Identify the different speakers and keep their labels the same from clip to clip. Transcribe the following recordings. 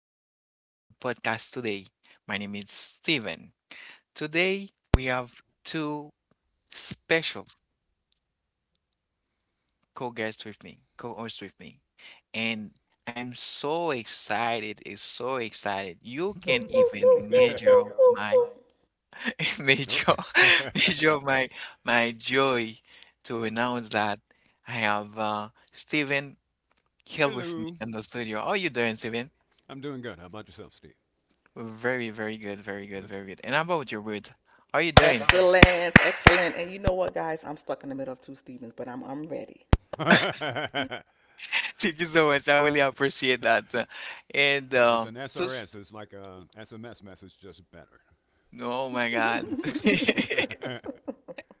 Speaker 1: back to our podcast today. My name is Steven. Today, we have two special co guests with me, co hosts with me. And I'm so excited. It's so excited. You can even measure my
Speaker 2: Oh.
Speaker 1: measure measure my my joy to announce that I have Steven here with me
Speaker 2: Hello.
Speaker 1: in the studio. How are you doing, Steven?
Speaker 2: I'm doing good. How about yourself, Steve?
Speaker 1: Very, very good, very good,
Speaker 2: Good.
Speaker 1: very good. And how about your words? How are you doing?
Speaker 3: Excellent, excellent. And you know what, guys? I'm stuck in the middle of two Stevens, but I'm ready.
Speaker 1: Thank you so much. I really appreciate that. And
Speaker 2: It's
Speaker 1: um,
Speaker 2: an SRS.
Speaker 1: just,
Speaker 2: It's like a SMS message, just better.
Speaker 1: oh my God. Thank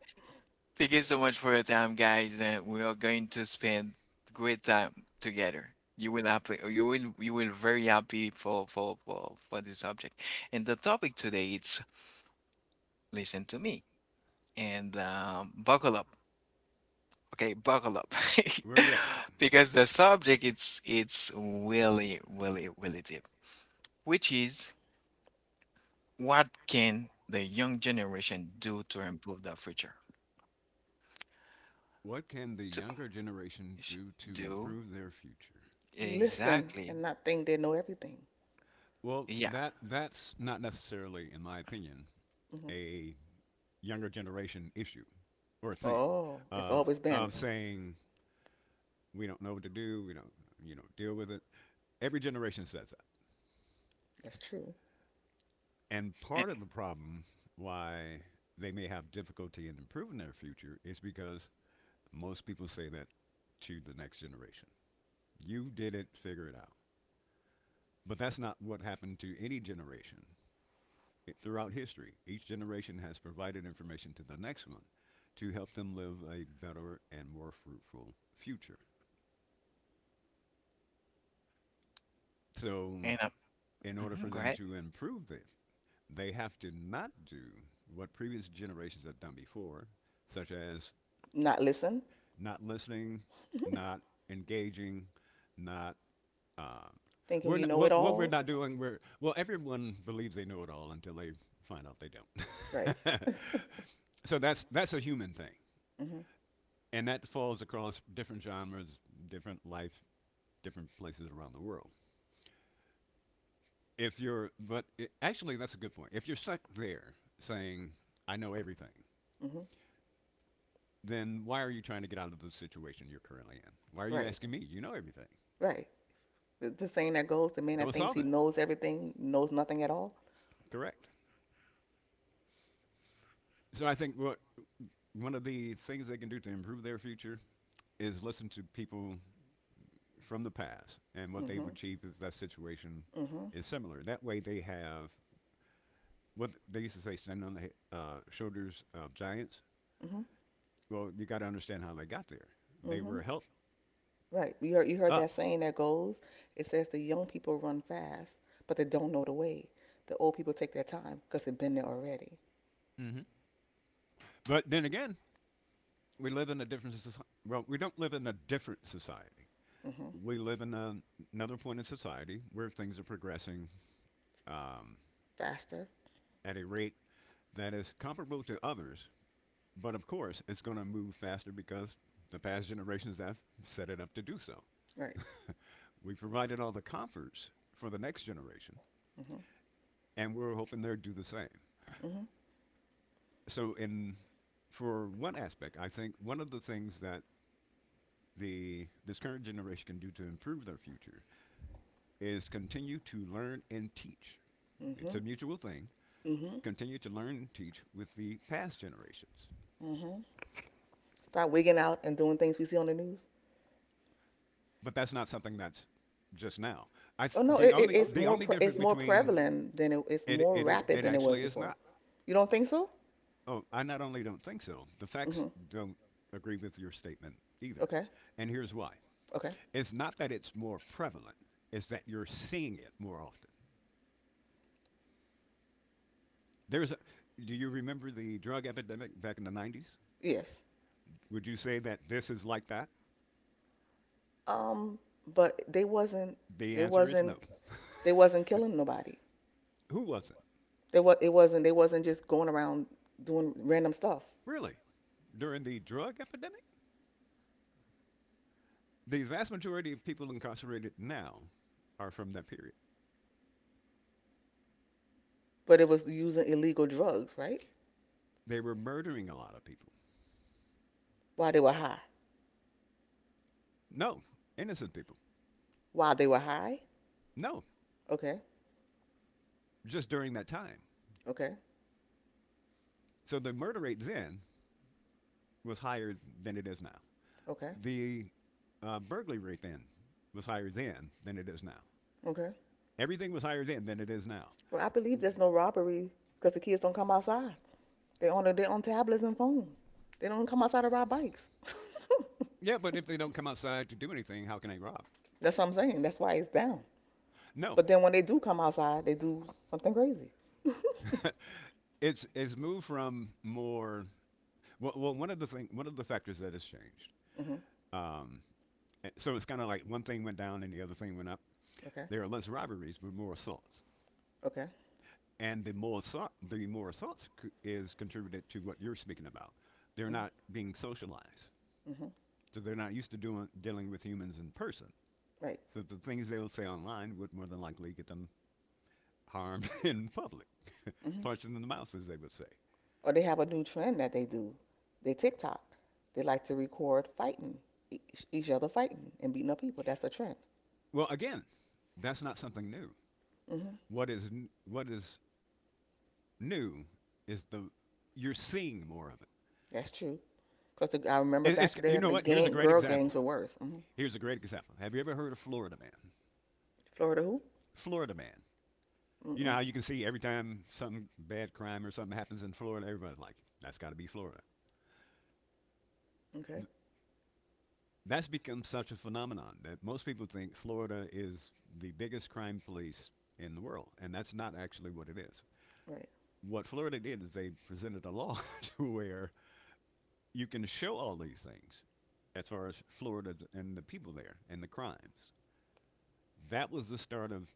Speaker 1: you so much for your time, guys. And we are going to spend great time together. You will happy, you will very happy for this subject. And the topic today it's listen to me and buckle up. Okay, buckle up.
Speaker 2: We're ready.
Speaker 1: Because the subject it's really, really, really deep, which is what can the young generation do to improve the future?
Speaker 2: What can the
Speaker 1: To
Speaker 2: younger generation
Speaker 1: sh-
Speaker 2: do to
Speaker 1: do
Speaker 2: improve their future?
Speaker 3: Listen
Speaker 1: exactly.
Speaker 3: and not think they know everything.
Speaker 2: Well,
Speaker 1: Yeah.
Speaker 2: that's not necessarily, in my opinion,
Speaker 3: Hmm.
Speaker 2: a younger generation issue or thing
Speaker 3: Oh, it's
Speaker 2: uh,
Speaker 3: always been.
Speaker 2: of saying we don't know what to do, we don't deal with it. Every generation says that.
Speaker 3: That's true.
Speaker 2: And
Speaker 1: a-
Speaker 2: part of the problem why they may have difficulty in improving their future is because most people say that to the next generation. You did it, figure it out. But that's not what happened to any generation throughout history. Each generation has provided information to the next one to help them live a better and more fruitful future. So,
Speaker 1: And,
Speaker 2: in order
Speaker 1: mhm,
Speaker 2: for
Speaker 1: go
Speaker 2: them
Speaker 1: ahead.
Speaker 2: to improve it, they have to not do what previous generations have done before, such as
Speaker 3: Not listen,
Speaker 2: not listening, not engaging, not. Uh,
Speaker 3: thinking
Speaker 2: we're
Speaker 3: you
Speaker 2: not,
Speaker 3: know it
Speaker 2: what we're
Speaker 3: all.
Speaker 2: not doing. We're well. everyone believes they know it all until they find out they
Speaker 3: Right.
Speaker 2: don't. So that's a human thing,
Speaker 3: Mm-hmm.
Speaker 2: and that falls across different genres, different life, different places around the world. If you're, but it, Actually, that's a good point. If you're stuck there saying, "I know everything,"
Speaker 3: Mm-hmm.
Speaker 2: then why are you trying to get out of the situation you're currently in? Why are you
Speaker 3: Right.
Speaker 2: asking me? You know everything.
Speaker 3: Right. The saying that goes, the man that
Speaker 2: Go
Speaker 3: thinks
Speaker 2: solve
Speaker 3: he
Speaker 2: it.
Speaker 3: knows everything knows nothing at all.
Speaker 2: Correct. So I think what one of the things they can do to improve their future is listen to people from the past and what they've
Speaker 3: Hmm.
Speaker 2: achieved if that situation
Speaker 3: Hmm.
Speaker 2: is similar. That way they have what they used to say, stand on the shoulders of giants.
Speaker 3: Hmm.
Speaker 2: Well, you got to understand how they got there. They
Speaker 3: Hmm.
Speaker 2: were helped
Speaker 3: Right. You heard
Speaker 2: up.
Speaker 3: that saying that goes, it says the young people run fast, but they don't know the way. The old people take their time because they've been there already.
Speaker 2: Mhm. But then again, we don't live in a different society.
Speaker 3: Hmm.
Speaker 2: We live in another point in society where things are progressing um,
Speaker 3: Faster.
Speaker 2: at a rate that is comparable to others. But of course, it's going to move faster because the past generations have set it up to do so.
Speaker 3: Right.
Speaker 2: We provided all the comforts for the next generation,
Speaker 3: Hmm.
Speaker 2: and we're hoping they'll do the same.
Speaker 3: Hmm.
Speaker 2: So, in for one aspect, I think one of the things that the this current generation can do to improve their future is continue to learn and teach. It's a
Speaker 3: Hmm.
Speaker 2: mutual thing.
Speaker 3: Hmm.
Speaker 2: Continue to learn and teach with the past generations,
Speaker 3: Hmm. Stop wigging out and doing things we see on the news.
Speaker 2: but that's not something that's just now. I th-
Speaker 3: Oh no, it, it, it's
Speaker 2: the
Speaker 3: more
Speaker 2: only
Speaker 3: pre-
Speaker 2: difference
Speaker 3: it's more
Speaker 2: between
Speaker 3: prevalent than it's
Speaker 2: It
Speaker 3: more
Speaker 2: it is
Speaker 3: rapid
Speaker 2: it
Speaker 3: than it was
Speaker 2: actually is
Speaker 3: before.
Speaker 2: not.
Speaker 3: You don't think so?
Speaker 2: Oh, I not only don't think so. The facts
Speaker 3: Hmm.
Speaker 2: don't agree with your statement either.
Speaker 3: Okay.
Speaker 2: And here's why.
Speaker 3: Okay.
Speaker 2: It's not that it's more prevalent. It's that you're seeing it more often. There's a Do you remember the drug epidemic back in the 90s?
Speaker 3: Yes.
Speaker 2: Would you say that this is like that?
Speaker 3: Um, but
Speaker 2: The
Speaker 3: they
Speaker 2: answer is
Speaker 3: wasn't
Speaker 2: no.
Speaker 3: they wasn't killing nobody.
Speaker 2: Who wasn't?
Speaker 3: There was it wasn't they wasn't just going around doing random stuff,
Speaker 2: Really? During the drug epidemic? The vast majority of people incarcerated now are from that period.
Speaker 3: but it was using illegal drugs, right?
Speaker 2: They were murdering a lot of people.
Speaker 3: While they were high.
Speaker 2: No, innocent people.
Speaker 3: While they were high.
Speaker 2: No,
Speaker 3: Okay.
Speaker 2: just during that time.
Speaker 3: Okay.
Speaker 2: So the murder rate then was higher than it is now.
Speaker 3: Okay.
Speaker 2: The burglary rate then was higher then than it is now.
Speaker 3: Okay.
Speaker 2: Everything was higher then than it is now.
Speaker 3: Well, I believe there's no robbery because the kids don't come outside. They on tablets and phones. They don't come outside to ride bikes.
Speaker 2: Yeah, but if they don't come outside to do anything, how can they rob?
Speaker 3: That's what I'm saying. That's why it's down.
Speaker 2: No,
Speaker 3: But then when they do come outside, they do something crazy.
Speaker 2: it's moved from more. One of the factors that has changed.
Speaker 3: Mhm.
Speaker 2: Um, so it's kind of like one thing went down and the other thing went up.
Speaker 3: Okay.
Speaker 2: There are less robberies, but more assaults.
Speaker 3: Okay.
Speaker 2: And the more thoughts is contributed to what you're speaking about. They're
Speaker 3: Mhm.
Speaker 2: not being socialized,
Speaker 3: Mhm.
Speaker 2: so they're not used to doing dealing with humans in person.
Speaker 3: Right.
Speaker 2: So the things they'll say online would more than likely get them harmed in public,
Speaker 3: Mhm.
Speaker 2: punched in the mouth, as they would say.
Speaker 3: Or they have a new trend that they do. They TikTok. They like to record fighting, e- each other fighting and beating up people. That's a trend.
Speaker 2: Well, again, that's not something new.
Speaker 3: Hmm.
Speaker 2: What is what is new is the you're seeing more of it.
Speaker 3: That's true. Cause I remember
Speaker 2: It's,
Speaker 3: back
Speaker 2: you
Speaker 3: then
Speaker 2: know
Speaker 3: the
Speaker 2: what? Here's a
Speaker 3: gang
Speaker 2: great
Speaker 3: girl gangs
Speaker 2: example.
Speaker 3: were worse. Hmm.
Speaker 2: Here's a great example. Have you ever heard of Florida Man?
Speaker 3: Florida who?
Speaker 2: Florida Man. You know
Speaker 3: Mm-mm.
Speaker 2: how you can see every time some bad crime or something happens in Florida, everybody's like, that's got to be Florida.
Speaker 3: Okay.
Speaker 2: That's become such a phenomenon that most people think Florida is the biggest crime police in the world, and that's not actually what it is.
Speaker 3: Right.
Speaker 2: What Florida did is they presented a law to where you can show all these things as far as Florida and the people there and the crimes. That was the start of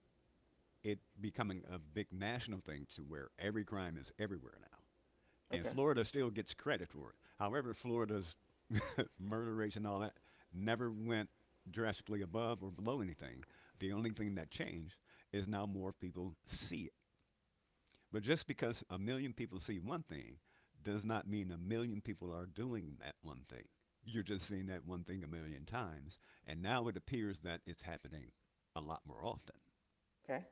Speaker 2: it becoming a big national thing to where every crime is everywhere now. And
Speaker 3: Okay.
Speaker 2: Florida still gets credit for it. However, Florida's murder rates and all that never went drastically above or below anything. The only thing that changed is now more people see it. But just because a million people see one thing does not mean a million people are doing that one thing. You're just seeing that one thing a million times. And now it appears that it's happening a lot more often.
Speaker 3: Okay.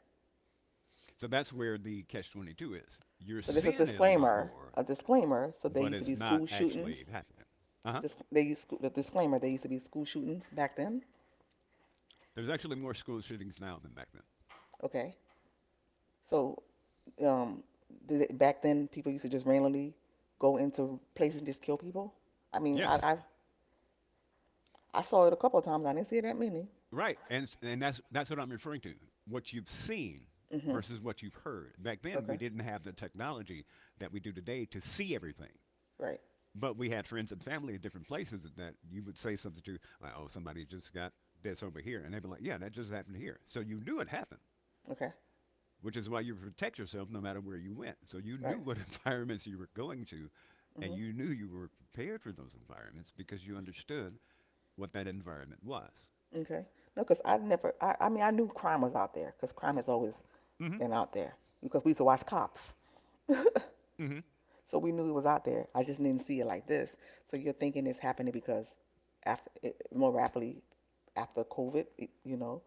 Speaker 2: So that's where the catch 22 is. You're
Speaker 3: So this is a
Speaker 2: seeing it a lot
Speaker 3: disclaimer.
Speaker 2: more,
Speaker 3: A disclaimer. So there
Speaker 2: but
Speaker 3: used to
Speaker 2: it's
Speaker 3: be
Speaker 2: not
Speaker 3: school shootings.
Speaker 2: actually happening. Uh huh.
Speaker 3: This, they used to, the disclaimer. There used to be school shootings back then.
Speaker 2: There's actually more school shootings now than back then.
Speaker 3: Okay. So, um, back then people used to just randomly go into places and just kill people. I mean, I
Speaker 2: Yes,
Speaker 3: I, I saw it a couple of times. I didn't see that many.
Speaker 2: right, and that's what I'm referring to. What you've seen
Speaker 3: Hmm.
Speaker 2: versus what you've heard. Back then,
Speaker 3: Okay.
Speaker 2: we didn't have the technology that we do today to see everything.
Speaker 3: Right.
Speaker 2: But we had friends and family in different places that you would say something to, like, oh, somebody just got this over here. And they'd be like, yeah, that just happened here. So you knew it happened,
Speaker 3: Okay.
Speaker 2: which is why you protect yourself no matter where you went. So you knew
Speaker 3: Right.
Speaker 2: what environments you were going to,
Speaker 3: Hmm.
Speaker 2: and you knew you were prepared for those environments because you understood what that environment was.
Speaker 3: Okay. No, because I never. I mean, I knew crime was out there because crime has always
Speaker 2: Mm-hmm.
Speaker 3: been out there because we used to watch cops.
Speaker 2: Mm-hmm.
Speaker 3: So we knew it was out there. I just didn't see it like this. So you're thinking it's happening because after it, more rapidly after COVID, it,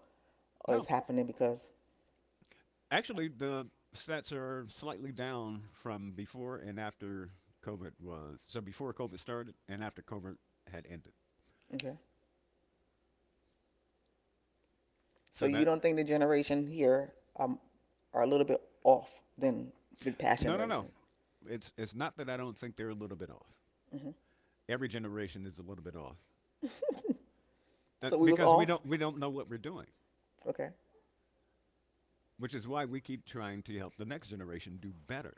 Speaker 3: or it's
Speaker 2: No,
Speaker 3: happening because.
Speaker 2: actually, the stats are slightly down from before and after COVID was. So before COVID started and after COVID had ended.
Speaker 3: So
Speaker 2: So
Speaker 3: you
Speaker 2: that
Speaker 3: don't think the generation here um, are a little bit off than the past
Speaker 2: no, no, no.
Speaker 3: generation?
Speaker 2: It's not that I don't think they're a little bit off.
Speaker 3: Hmm.
Speaker 2: Every generation is a little bit off
Speaker 3: So we was
Speaker 2: because we
Speaker 3: off.
Speaker 2: don't we don't know what we're doing,
Speaker 3: Okay.
Speaker 2: which is why we keep trying to help the next generation do better.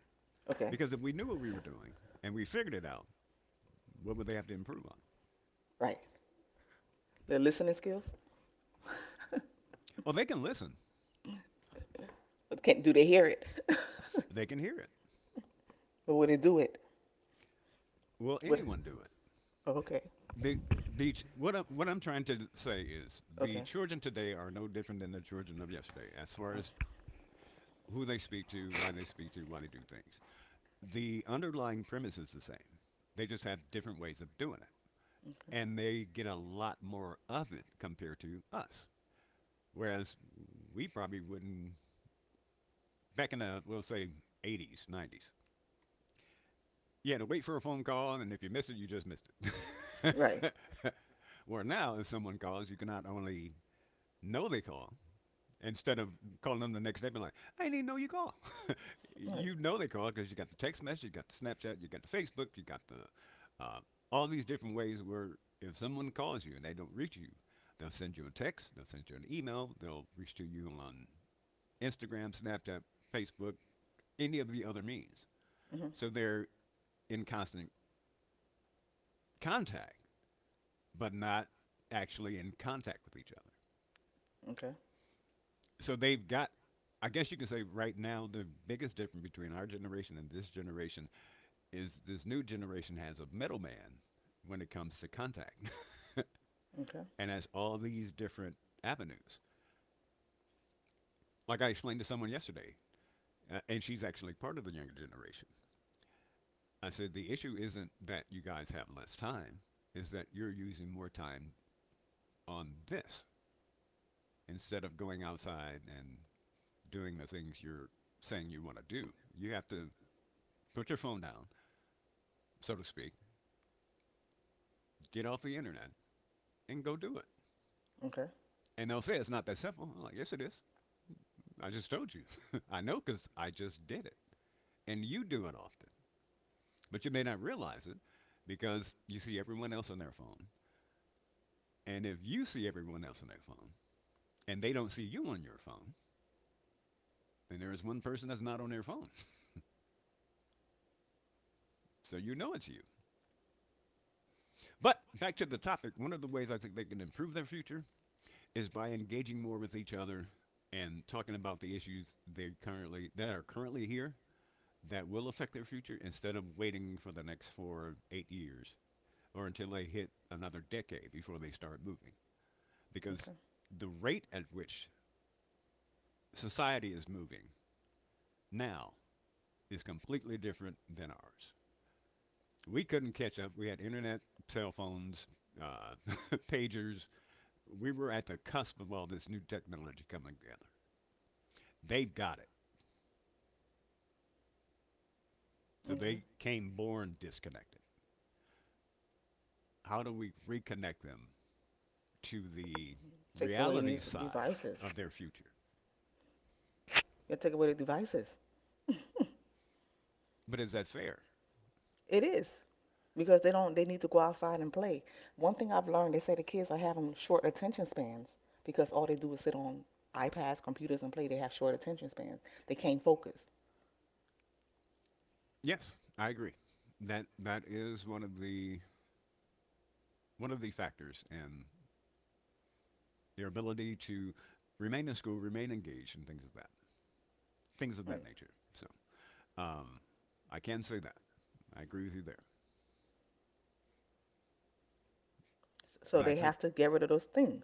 Speaker 3: Okay.
Speaker 2: Because if we knew what we were doing and we figured it out, what would they have to improve on?
Speaker 3: Right. Their listening skills.
Speaker 2: Well, they can listen.
Speaker 3: But can do they hear it?
Speaker 2: They can hear it.
Speaker 3: But would they do it?
Speaker 2: Will
Speaker 3: Would.
Speaker 2: anyone do it?
Speaker 3: Oh, okay.
Speaker 2: The the ch- what I'm trying to say is the
Speaker 3: Okay.
Speaker 2: children today are no different than the children of yesterday as far
Speaker 3: Oh,
Speaker 2: as who they speak to, why they speak to, why they do things. The underlying premise is the same. They just have different ways of doing it, and they get a lot more of it compared to us. Whereas we probably wouldn't back in the, we'll say, 80s, 90s. You had to wait for a phone call, and if you missed it, you just missed it.
Speaker 3: right.
Speaker 2: Where now, if someone calls, you can not only know they call instead of calling them the next day and like, I didn't even know you call.
Speaker 3: Right.
Speaker 2: You know they call because you got the text message, you got the Snapchat, you got the Facebook, you got the all these different ways where if someone calls you and they don't reach you, they'll send you a text, they'll send you an email, they'll reach to you on Instagram, Snapchat, Facebook, any of the other means.
Speaker 3: Hmm.
Speaker 2: So they're in constant contact, but not actually in contact with each other.
Speaker 3: Okay.
Speaker 2: So they've got, I guess you can say right now the biggest difference between our generation and this generation is this new generation has a middleman when it comes to contact
Speaker 3: Okay.
Speaker 2: and has all these different avenues. Like I explained to someone yesterday, and she's actually part of the younger generation. I said the issue isn't that you guys have less time, is that you're using more time on this instead of going outside and doing the things you're saying you want to do. You have to put your phone down, so to speak, get off the internet and go do it.
Speaker 3: Okay.
Speaker 2: And they'll say it's not that simple. I'm like, yes, it is. I just told you. I know because I just did it. And you do it often. But you may not realize it because you see everyone else on their phone. And if you see everyone else on their phone and they don't see you on your phone, then there is one person that's not on their phone. So you know it's you. But back to the topic, one of the ways I think they can improve their future is by engaging more with each other and talking about the issues they currently that are currently here that will affect their future instead of waiting for the next 4 or 8 years or until they hit another decade before they start moving. Because
Speaker 3: Okay.
Speaker 2: the rate at which society is moving now is completely different than ours. We couldn't catch up. We had internet, cell phones, uh, pagers. We were at the cusp of all this new technology coming together. They've got it. So
Speaker 3: Okay.
Speaker 2: they came born disconnected. How do we reconnect them to the
Speaker 3: Take away
Speaker 2: reality
Speaker 3: these
Speaker 2: side
Speaker 3: devices.
Speaker 2: of their future.
Speaker 3: You gotta take away the devices.
Speaker 2: But is that fair?
Speaker 3: It is. Because they don't they need to go outside and play. One thing I've learned, they say the kids are having short attention spans because all they do is sit on iPads, computers, and play. They have short attention spans. They can't focus.
Speaker 2: Yes, I agree. That is one of the factors in their ability to remain in school, remain engaged, and things of
Speaker 3: Right.
Speaker 2: that nature. So um, I can say that I agree with you there.
Speaker 3: So
Speaker 2: But I
Speaker 3: they
Speaker 2: think
Speaker 3: have to get rid of those things,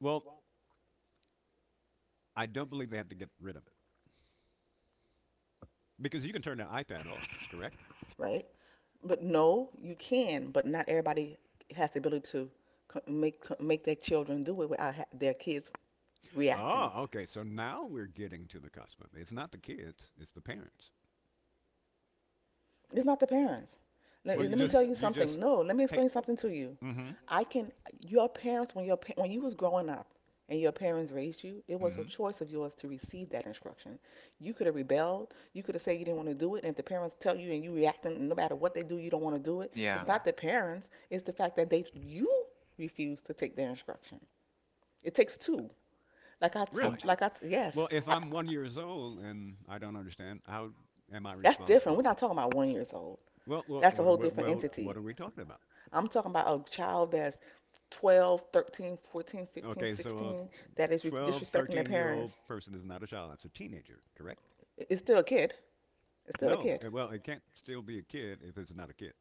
Speaker 2: well, I don't believe they have to get rid of it because you can turn the iPad off, correct?
Speaker 3: right? But no, you can, but not everybody has the ability to make their children do it without their kids reacting.
Speaker 2: Oh, okay. So now we're getting to the cusp of it. It's not the kids; it's the parents.
Speaker 3: It's not the parents. Let,
Speaker 2: Well, you
Speaker 3: let me
Speaker 1: Mm-hmm.
Speaker 2: just
Speaker 3: tell you
Speaker 2: you
Speaker 3: something.
Speaker 2: just
Speaker 3: No, let me
Speaker 2: hey,
Speaker 3: explain something to you.
Speaker 2: Mm-hmm.
Speaker 3: I can. Your parents, when when you was growing up, and your parents raised you, it was a
Speaker 2: Mm-hmm.
Speaker 3: choice of yours to receive that instruction. You could have rebelled. You could have said you didn't want to do it. And if the parents tell you and you reacting, no matter what they do, you don't want to do it. It's
Speaker 1: Yeah.
Speaker 3: not the parents. It's the fact that they you refuse to take their instruction. It takes two. Like I
Speaker 1: I'm
Speaker 2: Really?
Speaker 3: spoke.
Speaker 1: j-
Speaker 3: Like I yes.
Speaker 2: Well, if
Speaker 3: I,
Speaker 2: I'm 1 years old and I don't understand, how am I
Speaker 3: that's different. We're
Speaker 2: responsible?
Speaker 3: not talking about one years old.
Speaker 2: Well, well,
Speaker 3: That's a
Speaker 2: what are
Speaker 3: whole
Speaker 2: we,
Speaker 3: different
Speaker 2: well, what
Speaker 3: entity.
Speaker 2: are we talking about?
Speaker 3: I'm talking about a child that's 12, 13, 14, 15,
Speaker 2: Okay, so a
Speaker 3: 16 that is
Speaker 2: 12,
Speaker 3: disrespecting their
Speaker 2: 13 year old
Speaker 3: parents.
Speaker 2: person is not a child. That's a teenager, correct?
Speaker 3: It's still a kid. It's still a
Speaker 2: No.
Speaker 3: kid.
Speaker 2: Well, it can't still be a kid if it's not a kid.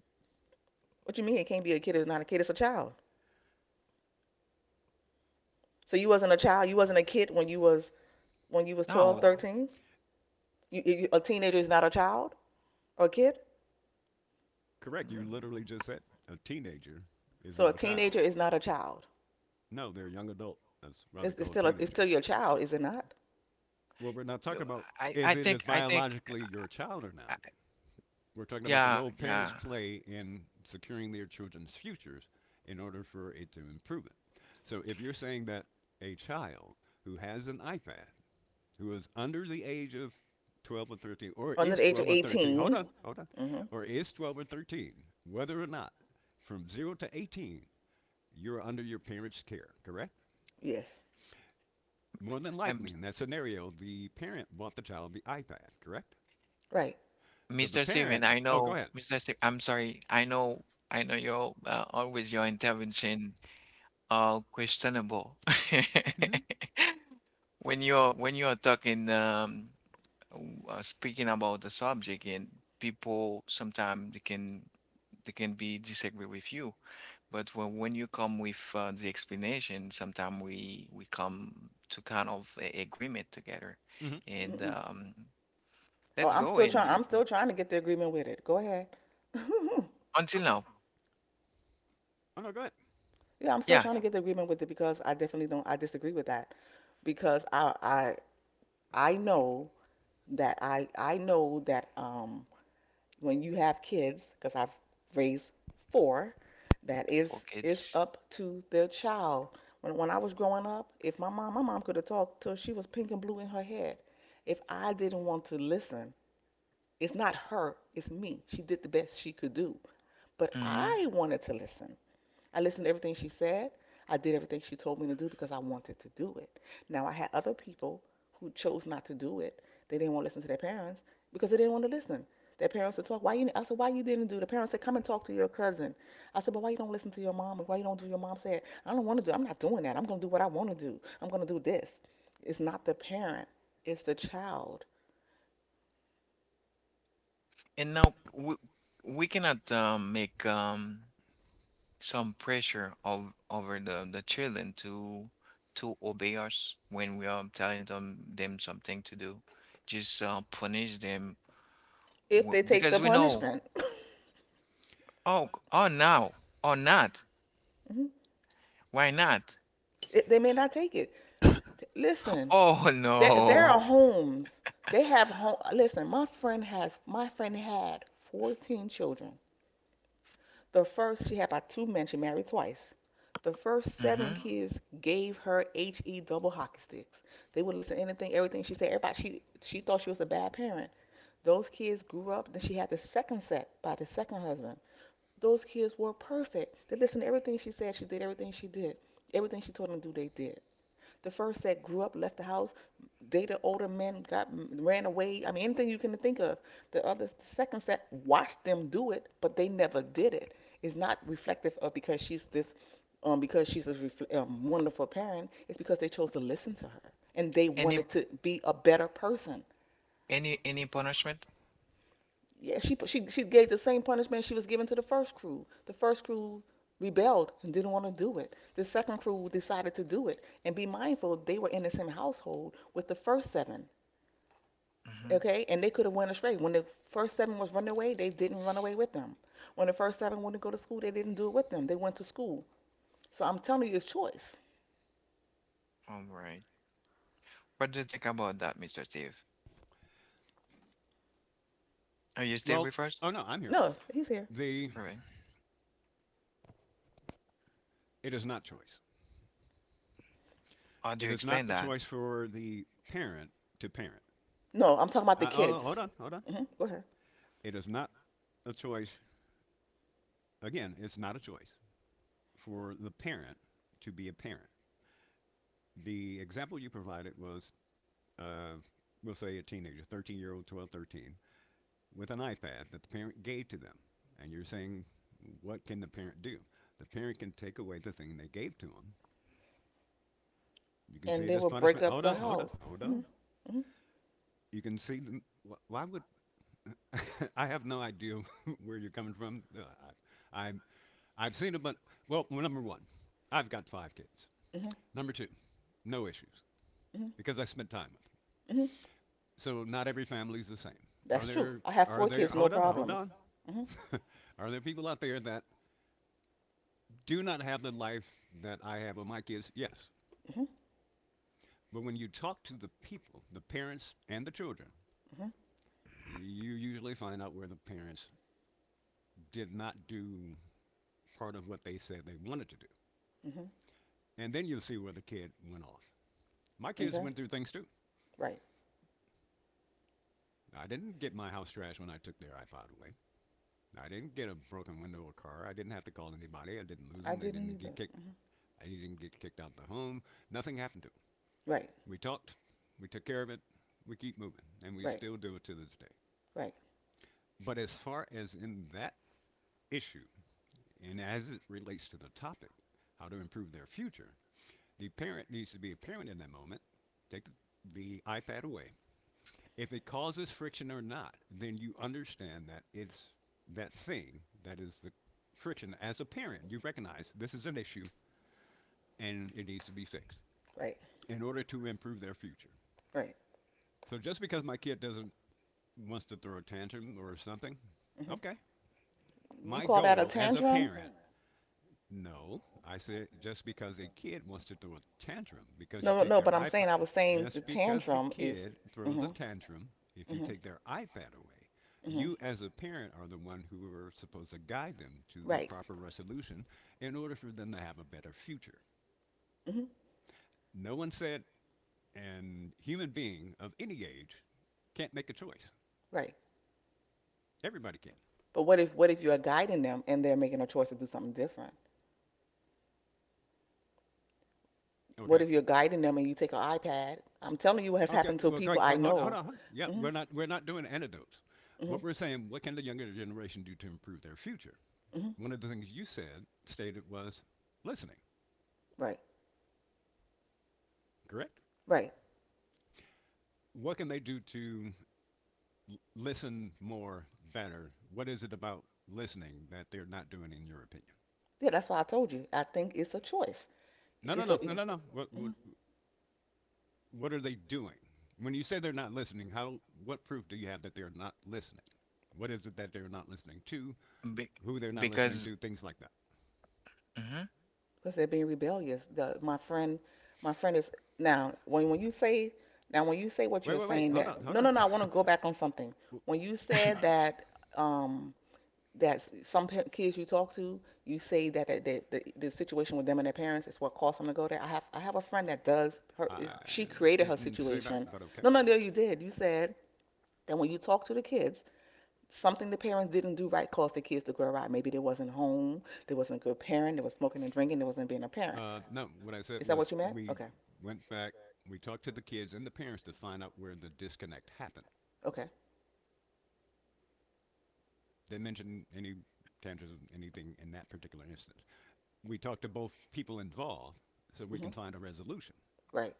Speaker 3: What you mean it can't be a kid? It's not a kid. It's a child. So you wasn't a child. You wasn't a kid when you was 12,
Speaker 1: no.
Speaker 3: 13. You, a teenager is not a child or a kid.
Speaker 2: Correct. You literally
Speaker 1: mm,
Speaker 2: just said a teenager is
Speaker 3: So a
Speaker 2: not a child.
Speaker 3: teenager is not a child.
Speaker 2: No, they're a young adult. That's why they
Speaker 3: It's, it's
Speaker 2: call
Speaker 3: still a, it's still
Speaker 2: teenagers.
Speaker 3: your child, is it not?
Speaker 2: Well, we're not talking
Speaker 1: no,
Speaker 2: about
Speaker 1: I
Speaker 2: if
Speaker 1: I
Speaker 2: it is
Speaker 1: think
Speaker 2: biologically your child or
Speaker 1: uh,
Speaker 2: not. We're talking about the
Speaker 1: yeah,
Speaker 2: role parents
Speaker 1: yeah.
Speaker 2: play in securing their children's futures in order for it to improve it. So if you're saying that a child who has an iPad, who is under the age of 12 or 13, or
Speaker 3: Under
Speaker 2: is
Speaker 3: the age of
Speaker 2: 12 or 13, hold
Speaker 3: 18.
Speaker 2: on, hold on,
Speaker 3: Mm-hmm.
Speaker 2: or is 12 or 13, whether or not from 0 to 18, you're under your parents' care, correct?
Speaker 3: Yes.
Speaker 2: More than
Speaker 1: I'm
Speaker 2: likely, in that scenario, the parent bought the child the iPad, correct?
Speaker 3: Right.
Speaker 2: So the
Speaker 1: Mr. Steven.
Speaker 2: parent,
Speaker 1: I
Speaker 2: oh, go
Speaker 1: know
Speaker 2: ahead.
Speaker 1: Mr. Steven. I'm sorry. I know your always your intervention questionable.
Speaker 2: Hmm
Speaker 1: When you're talking speaking about the subject, and people sometimes they can be disagree with you, but when you come with the explanation, sometimes we come to kind of a agreement together.
Speaker 2: hmm
Speaker 1: And
Speaker 3: Mm-mm. Oh,
Speaker 1: let's
Speaker 3: I'm
Speaker 1: go,
Speaker 3: still
Speaker 1: and,
Speaker 3: trying.
Speaker 1: and
Speaker 3: I'm still trying to get the agreement with it. Go ahead.
Speaker 1: until now.
Speaker 2: Oh, no, go ahead.
Speaker 3: Yeah, I'm still
Speaker 1: Yeah,
Speaker 3: trying to get the agreement with it because I definitely don't. I disagree with that because I know that I know that when you have kids because I've raised four that is
Speaker 1: four
Speaker 3: is
Speaker 1: kids.
Speaker 3: up to their child. When I was growing up, if my mom could have talked till she was pink and blue in her head, if I didn't want to listen, it's not her, it's me. She did the best she could do, but
Speaker 1: Hmm.
Speaker 3: I wanted to listen. I listened to everything she said. I did everything she told me to do because I wanted to do it. Now, I had other people who chose not to do it. They didn't want to listen to their parents because they didn't want to listen. Their parents would talk. Why you? I said, why you didn't do it? The parents said, come and talk to your cousin. I said, but why you don't listen to your mom? And why you don't do your mom said? I don't want to do it. I'm not doing that. I'm gonna do what I want to do. I'm gonna do this. It's not the parent. It's the child.
Speaker 1: And now we cannot make some pressure of over the children to obey us when we are telling them something to do, just punish them,
Speaker 3: If they take the
Speaker 1: because we know.
Speaker 3: punishment,
Speaker 1: Oh, oh, now or not,
Speaker 3: mhm,
Speaker 1: why not?
Speaker 3: it, they may not take it. Listen,
Speaker 1: Oh,
Speaker 3: there
Speaker 1: no.
Speaker 3: are homes. They have home. Listen, my friend had 14 children. The first she had by two men. She married twice. The first seven
Speaker 1: Hmm.
Speaker 3: kids gave her he double hockey sticks. They would listen to anything, everything she said. Everybody she thought she was a bad parent. Those kids grew up. Then she had the second set by the second husband. Those kids were perfect. They listened to everything she said. She did everything she did. Everything she told them to do, they did. The first that grew up, left the house, dated older men, got ran away. I mean, anything you can think of. The other, the second set watched them do it, but they never did it. It's not reflective of because she's this, because she's a wonderful parent. It's because they chose to listen to her and they
Speaker 1: any
Speaker 3: wanted to be a better person.
Speaker 1: any any punishment?
Speaker 3: Yeah, she gave the same punishment she was given to the first crew. The first crew rebelled and didn't want to do it. The second crew decided to do it. And be mindful, they were in the same household with the first seven.
Speaker 1: Mm-hmm.
Speaker 3: Okay, and they could have went astray. When the first seven was running away, they didn't run away with them. When the first seven went to go to school, they didn't do it with them. They went to school. So I'm telling you, it's choice.
Speaker 1: All right, what do you think about that, Mr. Steve? Are you still
Speaker 2: Well,
Speaker 1: with us?
Speaker 2: oh no, I'm here.
Speaker 3: No, he's here.
Speaker 2: The
Speaker 1: All right,
Speaker 2: It is not choice.
Speaker 1: how
Speaker 2: It
Speaker 1: do you
Speaker 2: is not
Speaker 1: explain
Speaker 2: the
Speaker 1: that?
Speaker 2: choice for the parent to parent.
Speaker 3: No, I'm talking about the
Speaker 2: Oh,
Speaker 3: kids.
Speaker 2: hold on, hold on.
Speaker 3: Hmm. Go ahead.
Speaker 2: It is not a choice. Again, it's not a choice for the parent to be a parent. The example you provided was, uh, we'll say, a teenager, 13-year-old, 13, with an iPad that the parent gave to them. And you're saying, what can the parent do? The parent can take away the thing they gave to them. You can see
Speaker 3: And they
Speaker 2: it as
Speaker 3: will break
Speaker 2: punishment.
Speaker 3: up
Speaker 2: Hold
Speaker 3: the
Speaker 2: on, hold on,
Speaker 3: house.
Speaker 2: hold
Speaker 3: Hmm.
Speaker 2: on.
Speaker 3: Hmm.
Speaker 2: You can see them. Why would I have no idea where you're coming from? I I've seen a bunch. Well, number 1, I've got 5 kids.
Speaker 3: Hmm.
Speaker 2: Number 2, no issues
Speaker 3: Hmm.
Speaker 2: because I spent time with them.
Speaker 3: Hmm.
Speaker 2: So not every family is the same. Are
Speaker 3: That's true.
Speaker 2: there
Speaker 3: I have
Speaker 2: are
Speaker 3: four
Speaker 2: there?
Speaker 3: kids, no
Speaker 2: Hold on, hold
Speaker 3: problems.
Speaker 2: on.
Speaker 3: Mhm.
Speaker 2: are there people out there that do not have the life that I have with my kids? Yes.
Speaker 3: Mhm.
Speaker 2: But when you talk to the people, the parents and the children,
Speaker 3: Mhm.
Speaker 2: you usually find out where the parents did not do part of what they said they wanted to do.
Speaker 3: Mhm.
Speaker 2: And then you'll see where the kid went off. My kids
Speaker 3: Okay.
Speaker 2: went through things too.
Speaker 3: Right.
Speaker 2: I didn't get my house trashed when I took their iPod away. I didn't get a broken window or car. I didn't have to call anybody. I didn't lose them.
Speaker 3: I
Speaker 2: They
Speaker 3: didn't
Speaker 2: didn't get
Speaker 3: either.
Speaker 2: kicked.
Speaker 3: Mhm.
Speaker 2: I didn't get kicked out of the home. Nothing happened to them.
Speaker 3: Right.
Speaker 2: We talked. We took care of it. We keep moving, and we
Speaker 3: Right.
Speaker 2: still do it to this day.
Speaker 3: Right.
Speaker 2: But as far as in that issue, and as it relates to the topic, how to improve their future, the parent needs to be a parent in that moment. Take the, the iPad away if it causes friction or not, then you understand that it's that thing that is the friction. As a parent, you recognize this is an issue and it needs to be fixed
Speaker 3: Right.
Speaker 2: in order to improve their future.
Speaker 3: Right.
Speaker 2: So just because my kid doesn't wants to throw a tantrum or something,
Speaker 3: Mhm.
Speaker 2: okay.
Speaker 3: You
Speaker 2: My
Speaker 3: call that a
Speaker 2: goal as a
Speaker 3: tantrum?
Speaker 2: parent No, I said just because a kid wants to throw a tantrum, because you
Speaker 3: No,
Speaker 2: take
Speaker 3: no,
Speaker 2: their
Speaker 3: but
Speaker 2: iPod,
Speaker 3: I was saying the
Speaker 2: just because the
Speaker 3: tantrum is
Speaker 2: kid throws a
Speaker 3: mhm.
Speaker 2: tantrum, if you
Speaker 3: Mhm.
Speaker 2: take their iPad away,
Speaker 3: Mhm.
Speaker 2: you as a parent are the one who are supposed to guide them to the
Speaker 3: Right.
Speaker 2: proper resolution in order for them to have a better future.
Speaker 3: Mhm.
Speaker 2: No one said an human being of any age can't make a choice.
Speaker 3: Right.
Speaker 2: Everybody can.
Speaker 3: But what if you're guiding them and they're making a choice to do something different? What
Speaker 2: Okay?
Speaker 3: if you're guiding them and you take an iPad? I'm telling you what has
Speaker 2: Okay,
Speaker 3: happened to
Speaker 2: well, Craig,
Speaker 3: people I
Speaker 2: hold
Speaker 3: know.
Speaker 2: on. Yeah,
Speaker 3: Mhm.
Speaker 2: we're not doing antidotes.
Speaker 3: Mhm.
Speaker 2: What we're saying, what can the younger generation do to improve their future?
Speaker 3: Mhm.
Speaker 2: One of the things you said stated was listening.
Speaker 3: Right.
Speaker 2: Correct.
Speaker 3: Right.
Speaker 2: What can they do to listen more, better? What is it about listening that they're not doing, in your opinion?
Speaker 3: Yeah, that's why I told you. I think it's a choice.
Speaker 2: No, no,
Speaker 3: It's a
Speaker 2: no, no, no, no. What are they doing? When you say they're not listening, how what proof do you have that they're not listening? What is it that they're not listening to?
Speaker 1: Be-
Speaker 2: Who they're not listening
Speaker 1: because.
Speaker 2: to? Things like that.
Speaker 1: Mhm.
Speaker 3: Because they're being rebellious. My friend is now, when you say now when you say what
Speaker 2: Wait,
Speaker 3: you're
Speaker 2: wait, wait.
Speaker 3: saying
Speaker 2: Hold on,
Speaker 3: that,
Speaker 2: hold
Speaker 3: no,
Speaker 2: on.
Speaker 3: no, no, I want to go back on something.
Speaker 2: Well,
Speaker 3: When you said that um that some kids you talk to, you say that, the situation with them and their parents is what caused them to go there. I have a friend that does her
Speaker 2: I
Speaker 3: she created her
Speaker 2: didn't say that,
Speaker 3: situation.
Speaker 2: but okay.
Speaker 3: No, no, no, you did. You said that when you talk to the kids something the parents didn't do right caused the kids to grow out. Maybe they wasn't home, they wasn't a good parent, they was smoking and drinking, they wasn't being a parent.
Speaker 2: No, what I
Speaker 3: Is
Speaker 2: said
Speaker 3: that what
Speaker 2: was
Speaker 3: you meant?
Speaker 2: we
Speaker 3: Okay,
Speaker 2: went back, we talked to the kids and the parents to find out where the disconnect happened.
Speaker 3: okay,
Speaker 2: They mentioned any tangents of anything in that particular instance. We talked to both people involved so we can
Speaker 3: mhm,
Speaker 2: find a resolution.
Speaker 3: right,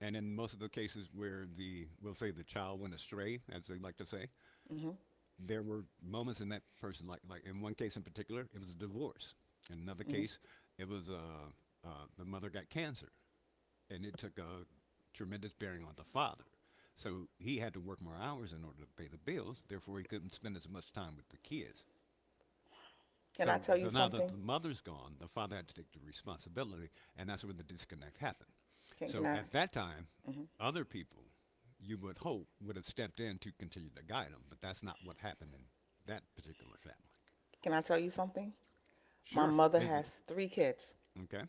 Speaker 2: And in most of the cases where the we'll say the child went astray, as they like to say,
Speaker 3: mhm,
Speaker 2: there were moments in that person in one case in particular, it was a divorce. In another
Speaker 3: mhm.
Speaker 2: case, it was the mother got cancer. And it took a tremendous bearing on the father. So he had to work more hours in order to pay the bills. Therefore, he couldn't spend as much time with the kids.
Speaker 3: Can I
Speaker 2: So
Speaker 3: tell you
Speaker 2: now that
Speaker 3: something?
Speaker 2: the mother's gone, the father had to take the responsibility, and that's where the disconnect happened.
Speaker 3: Can can
Speaker 2: So
Speaker 3: I?
Speaker 2: at that time,
Speaker 3: Mhm.
Speaker 2: other people, you would hope, would have stepped in to continue to guide them, but that's not what happened in that particular family.
Speaker 3: Can I tell you something? My
Speaker 2: Sure,
Speaker 3: mother
Speaker 2: is it
Speaker 3: has three kids.
Speaker 2: okay?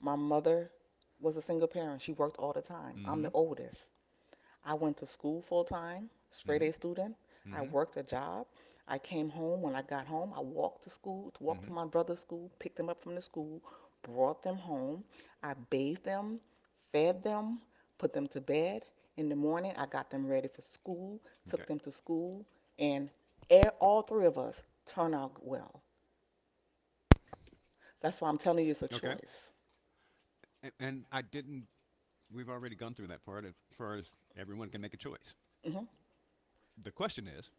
Speaker 3: My mother was a single parent. She worked all the time. I'm
Speaker 2: Mm-hmm.
Speaker 3: the oldest. I went to school full time, straight
Speaker 2: Mm-hmm.
Speaker 3: A student. I
Speaker 2: Mm-hmm.
Speaker 3: worked a job. I came home. When I got home, I walked to school, walked
Speaker 2: Mm-hmm.
Speaker 3: to my brother's school, picked them up from the school, brought them home. I bathed them, fed them, put them to bed. In the morning, I got them ready for school,
Speaker 2: Okay.
Speaker 3: took them to school, and all three of us turned out well. That's why I'm telling you it's a
Speaker 2: Okay.
Speaker 3: choice.
Speaker 2: And I didn't. We've already gone through that part as far as everyone can make a choice.
Speaker 3: Hmm.
Speaker 2: The question is,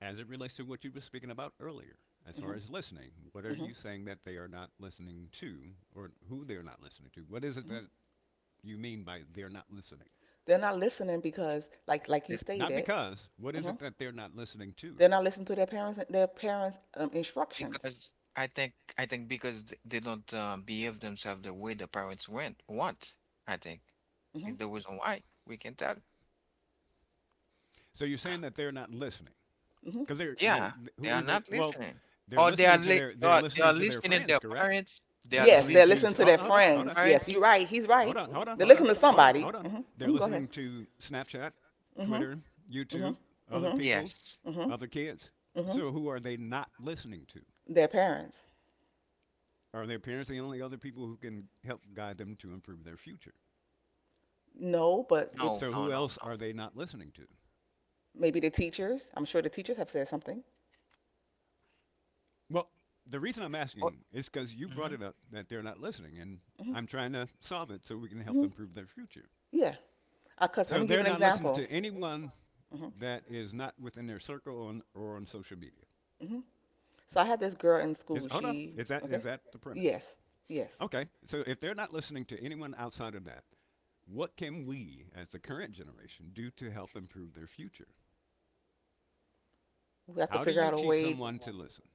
Speaker 2: as it relates to what you were speaking about earlier, as far
Speaker 3: Hmm.
Speaker 2: as listening, what are
Speaker 3: Hmm.
Speaker 2: you saying that they are not listening to, or who they're not listening to? What is it
Speaker 3: Hmm.
Speaker 2: that you mean by they're not listening?
Speaker 3: They're not listening because, like you
Speaker 2: Not
Speaker 3: stated.
Speaker 2: because. What is it
Speaker 3: Mhm.
Speaker 2: that they're not listening to?
Speaker 3: They're not listening to their parents' instructions.
Speaker 1: Because I think because they don't behave themselves the way the parents went want, I think,
Speaker 3: Hmm.
Speaker 1: is the reason why we can tell.
Speaker 2: So you're saying that they're not listening
Speaker 3: Hmm.
Speaker 2: because they're
Speaker 1: Yeah, they
Speaker 2: who
Speaker 1: are
Speaker 2: are they?
Speaker 1: not
Speaker 2: Well,
Speaker 1: listening,
Speaker 2: they're
Speaker 1: or
Speaker 2: listening to their
Speaker 1: they
Speaker 2: they're
Speaker 1: are, they
Speaker 2: listening
Speaker 1: are
Speaker 2: to their
Speaker 1: listening
Speaker 2: friends,
Speaker 1: their
Speaker 2: correct?
Speaker 1: parents. They
Speaker 2: They're
Speaker 1: are
Speaker 3: Yes,
Speaker 2: listening
Speaker 3: they're
Speaker 1: listening
Speaker 2: to
Speaker 3: listening to
Speaker 2: hold,
Speaker 3: their
Speaker 2: hold on, hold
Speaker 1: to
Speaker 3: friends.
Speaker 2: on.
Speaker 1: parents.
Speaker 3: Yes, you're right. He's
Speaker 2: Hold
Speaker 3: right.
Speaker 2: on, hold on,
Speaker 3: They're
Speaker 2: hold on,
Speaker 3: listening to
Speaker 2: hold on,
Speaker 3: somebody.
Speaker 2: hold on.
Speaker 3: Mm, hmm.
Speaker 2: They're
Speaker 3: Mm, go ahead.
Speaker 2: listening to Snapchat,
Speaker 3: Hmm.
Speaker 2: Twitter,
Speaker 3: Hmm.
Speaker 2: YouTube, other
Speaker 3: Hmm.
Speaker 2: people,
Speaker 1: Yes.
Speaker 3: Hmm.
Speaker 2: other kids.
Speaker 3: Hmm.
Speaker 2: So who are they not listening to?
Speaker 3: Their parents.
Speaker 2: Are their parents the only other people who can help guide them to improve their future?
Speaker 3: No, but if
Speaker 1: No.
Speaker 2: So
Speaker 1: No.
Speaker 2: who
Speaker 1: No.
Speaker 2: else
Speaker 1: No.
Speaker 2: are they not listening to?
Speaker 3: maybe the teachers. I'm sure the teachers have said something.
Speaker 2: Well, the reason I'm
Speaker 1: Oh,
Speaker 2: asking is because you brought
Speaker 1: mhm.
Speaker 2: it up that they're not listening, and
Speaker 3: Hmm.
Speaker 2: I'm trying to solve it so we can help
Speaker 3: Hmm.
Speaker 2: improve their future.
Speaker 3: Yeah. I cuss. Let
Speaker 2: So
Speaker 3: me give
Speaker 2: they're
Speaker 3: you an
Speaker 2: not listening
Speaker 3: example.
Speaker 2: to anyone
Speaker 3: Mm, hmm.
Speaker 2: that is not within their circle on, or on social media.
Speaker 3: Mm, hmm. So I had this girl in school.
Speaker 2: Is, hold on,
Speaker 3: She.
Speaker 2: is
Speaker 3: Okay.
Speaker 2: that the premise?
Speaker 3: Yes. Yes.
Speaker 2: Okay, so if they're not listening to anyone outside of that, what can we, as the current generation, do to help improve their future?
Speaker 3: We have to
Speaker 2: How do
Speaker 3: figure
Speaker 2: you
Speaker 3: out a
Speaker 2: teach
Speaker 3: way.
Speaker 2: someone to listen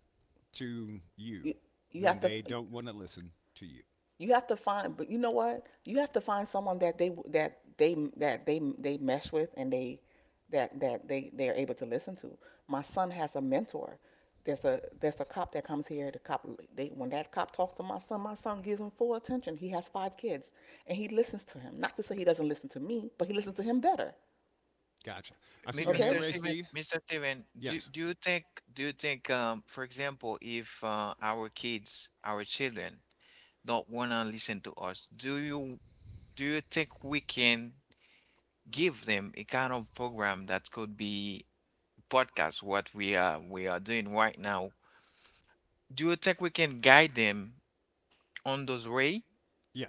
Speaker 2: to you
Speaker 3: You, you have
Speaker 2: when
Speaker 3: to.
Speaker 2: they don't want to listen to you?
Speaker 3: You have to find, but you know what? You have to find someone that they mesh with and they that that they are able to listen to. My son has a mentor. There's a cop that comes here. The cop they when that cop talks to my son gives him full attention. He has five kids and he listens to him. Not to say he doesn't listen to me, but he listens to him better.
Speaker 2: Gotcha. I see your hand
Speaker 3: Okay?
Speaker 1: Mr.
Speaker 2: raised,
Speaker 1: Steven,
Speaker 2: Steve.
Speaker 1: Do
Speaker 2: Yes,
Speaker 1: do you think for example, if our kids, our children don't wanna listen to us. Do you think we can give them a kind of program that could be podcast, what we are doing right now? Do you think we can guide them on those way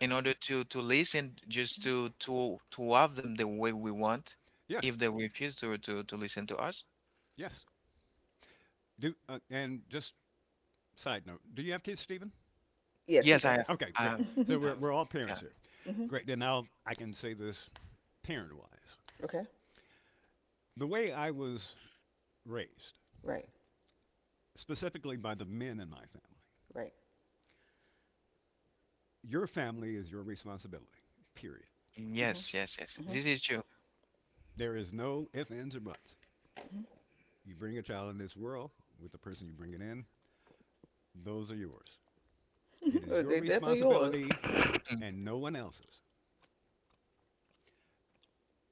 Speaker 1: in order to listen, just to have them the way we want, if
Speaker 2: yes,
Speaker 1: they refuse to listen to us?
Speaker 2: yes. Do and just side note, do you have kids, Stephen?
Speaker 3: Yes, he
Speaker 1: Yes,
Speaker 3: does.
Speaker 2: Okay, great.
Speaker 1: I,
Speaker 3: Mhm.
Speaker 2: So we're all parents
Speaker 1: yeah.
Speaker 2: here.
Speaker 3: Mhm.
Speaker 2: Great. Then I can say this parent wise.
Speaker 3: Okay.
Speaker 2: The way I was raised,
Speaker 3: Right.
Speaker 2: specifically by the men in my family.
Speaker 3: Right.
Speaker 2: Your family is your responsibility, period.
Speaker 3: Mhm.
Speaker 1: Yes, yes, yes.
Speaker 3: Mhm.
Speaker 1: This is true.
Speaker 2: There is no ifs, ands, or buts. You bring a child in this world with the person you bring it in, those are yours. It is
Speaker 3: Mhm.
Speaker 2: your
Speaker 3: They definitely yours.
Speaker 2: responsibility
Speaker 1: Mm.
Speaker 2: and no one else's.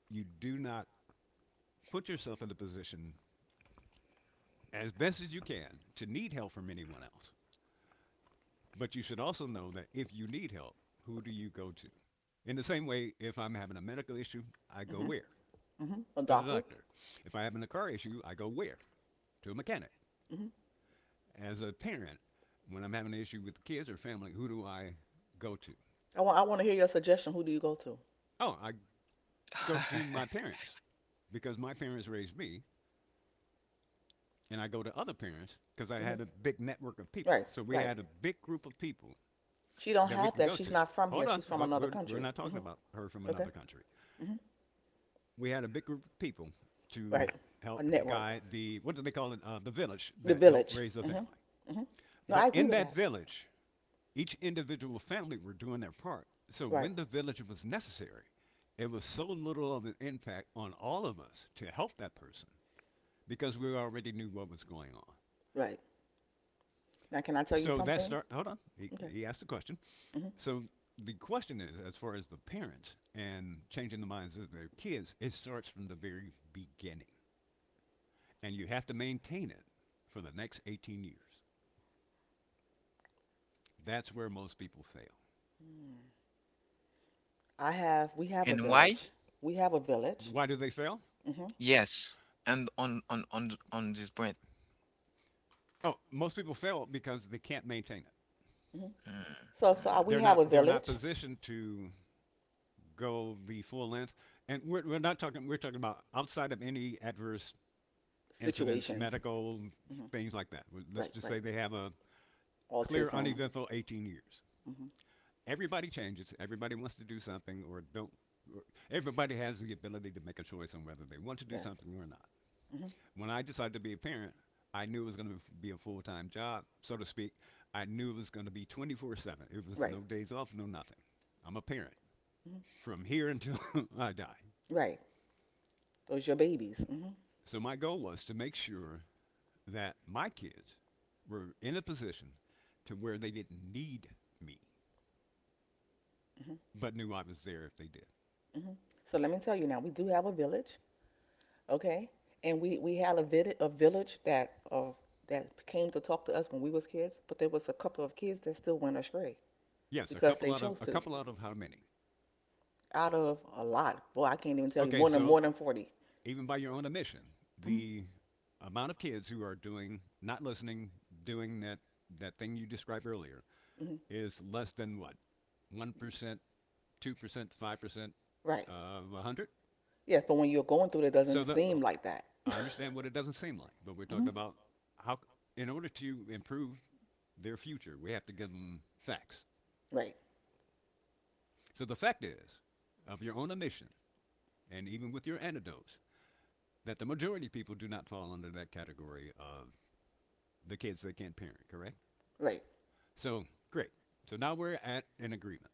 Speaker 2: You do not put yourself in a position, as best as you can, to need help from anyone else. But you should also know that if you need help, who do you go to? In the same way, if I'm having a medical issue, I go
Speaker 3: Hmm.
Speaker 2: where?
Speaker 3: Hmm. A
Speaker 2: To the
Speaker 3: doctor.
Speaker 2: doctor. If I'm having a car issue, I go where? To a mechanic.
Speaker 3: Hmm.
Speaker 2: As a parent, when I'm having an issue with kids or family, who do I go to?
Speaker 3: I want to hear your suggestion. Who do you go to?
Speaker 2: Oh, I go to my parents because my parents raised me, and I go to other parents because I
Speaker 3: Hmm.
Speaker 2: had a big network of people.
Speaker 3: Right.
Speaker 2: So we
Speaker 3: Right.
Speaker 2: had a big group of people
Speaker 3: She don't
Speaker 2: that we
Speaker 3: have
Speaker 2: can
Speaker 3: that.
Speaker 2: go
Speaker 3: She's
Speaker 2: to.
Speaker 3: not from
Speaker 2: Hold
Speaker 3: here.
Speaker 2: on,
Speaker 3: She's from
Speaker 2: oh,
Speaker 3: another
Speaker 2: we're
Speaker 3: country.
Speaker 2: not talking
Speaker 3: Hmm.
Speaker 2: about her from
Speaker 3: Okay.
Speaker 2: another country.
Speaker 3: Hmm.
Speaker 2: We had a big group of people
Speaker 3: Right.
Speaker 2: to
Speaker 3: A
Speaker 2: help
Speaker 3: network.
Speaker 2: guide the what do they call it? The village
Speaker 3: The
Speaker 2: that helped
Speaker 3: village.
Speaker 2: raise the
Speaker 3: Hmm.
Speaker 2: family.
Speaker 3: Hmm. No,
Speaker 2: But
Speaker 3: I agree
Speaker 2: in
Speaker 3: with
Speaker 2: that
Speaker 3: that.
Speaker 2: village, each individual family were doing their part. So
Speaker 3: Right.
Speaker 2: when the village was necessary, it was so little of an impact on all of us to help that person because we already knew what was going on.
Speaker 3: Right. Now, can I tell you
Speaker 2: So that's
Speaker 3: something?
Speaker 2: not, hold on, he,
Speaker 3: Okay.
Speaker 2: he asked a question.
Speaker 3: Hmm.
Speaker 2: So the question is, as far as the parents and changing the minds of their kids, it starts from the very beginning. And you have to maintain it for the next 18 years. That's where most people fail.
Speaker 3: I have. We have a
Speaker 1: And why?
Speaker 3: village. We have a village.
Speaker 2: Why do they fail?
Speaker 3: Hmm. Hmm.
Speaker 1: Yes. And on this point.
Speaker 2: Oh, most people fail because they can't maintain it.
Speaker 1: Mm,
Speaker 3: So,
Speaker 1: mm.
Speaker 3: we
Speaker 2: they're
Speaker 3: have a
Speaker 2: not they're not
Speaker 3: village.
Speaker 2: positioned to go the full length. And we're not talking, we're talking about outside of any adverse incidents,
Speaker 3: Situations.
Speaker 2: medical
Speaker 3: Hmm.
Speaker 2: things like that. Well, let's
Speaker 3: Right.
Speaker 2: just
Speaker 3: Right.
Speaker 2: say they have a clear,
Speaker 3: Autism.
Speaker 2: uneventful 18 years.
Speaker 3: Hmm.
Speaker 2: Everybody changes. Everybody wants to do something or don't. Everybody has the ability to make a choice on whether they want to do
Speaker 3: Yeah.
Speaker 2: something or not.
Speaker 3: Hmm.
Speaker 2: When I decided to be a parent, I knew it was going to be a full time job, so to speak. I knew it was going to be 24/7. It was
Speaker 3: Right.
Speaker 2: no days off, no nothing. I'm a parent
Speaker 3: Hmm.
Speaker 2: from here until I die.
Speaker 3: Right. Those are your babies. Hmm.
Speaker 2: So my goal was to make sure that my kids were in a position to where they didn't need me,
Speaker 3: Hmm.
Speaker 2: but knew I was there if they did.
Speaker 3: Hmm. So let me tell you now, we do have a village, okay? And we had a village that came to talk to us when we was kids, but there was a couple of kids that still went astray
Speaker 2: Yes, a
Speaker 3: because
Speaker 2: couple
Speaker 3: they
Speaker 2: out of
Speaker 3: chose to.
Speaker 2: how many?
Speaker 3: Out of a lot, boy, I can't even tell you
Speaker 2: Okay,
Speaker 3: more than more
Speaker 2: so
Speaker 3: than 40.
Speaker 2: even by your own admission,
Speaker 3: Mm-hmm.
Speaker 2: the amount of kids who are doing not listening, doing that thing you described earlier
Speaker 3: Mm-hmm,
Speaker 2: is less than what, 1%, 2%, 5%
Speaker 3: right.
Speaker 2: of 100.
Speaker 3: Yes, but when you're going through it, it
Speaker 2: So
Speaker 3: doesn't
Speaker 2: the
Speaker 3: seem like that.
Speaker 2: I understand what it doesn't seem like, but we're talking
Speaker 3: Hmm.
Speaker 2: about how, in order to improve their future, we have to give them facts.
Speaker 3: Right.
Speaker 2: So the fact is, of your own admission, and even with your anecdotes, that the majority of people do not fall under that category of the kids they can't parent, correct?
Speaker 3: Right.
Speaker 2: So, great. So now we're at an agreement.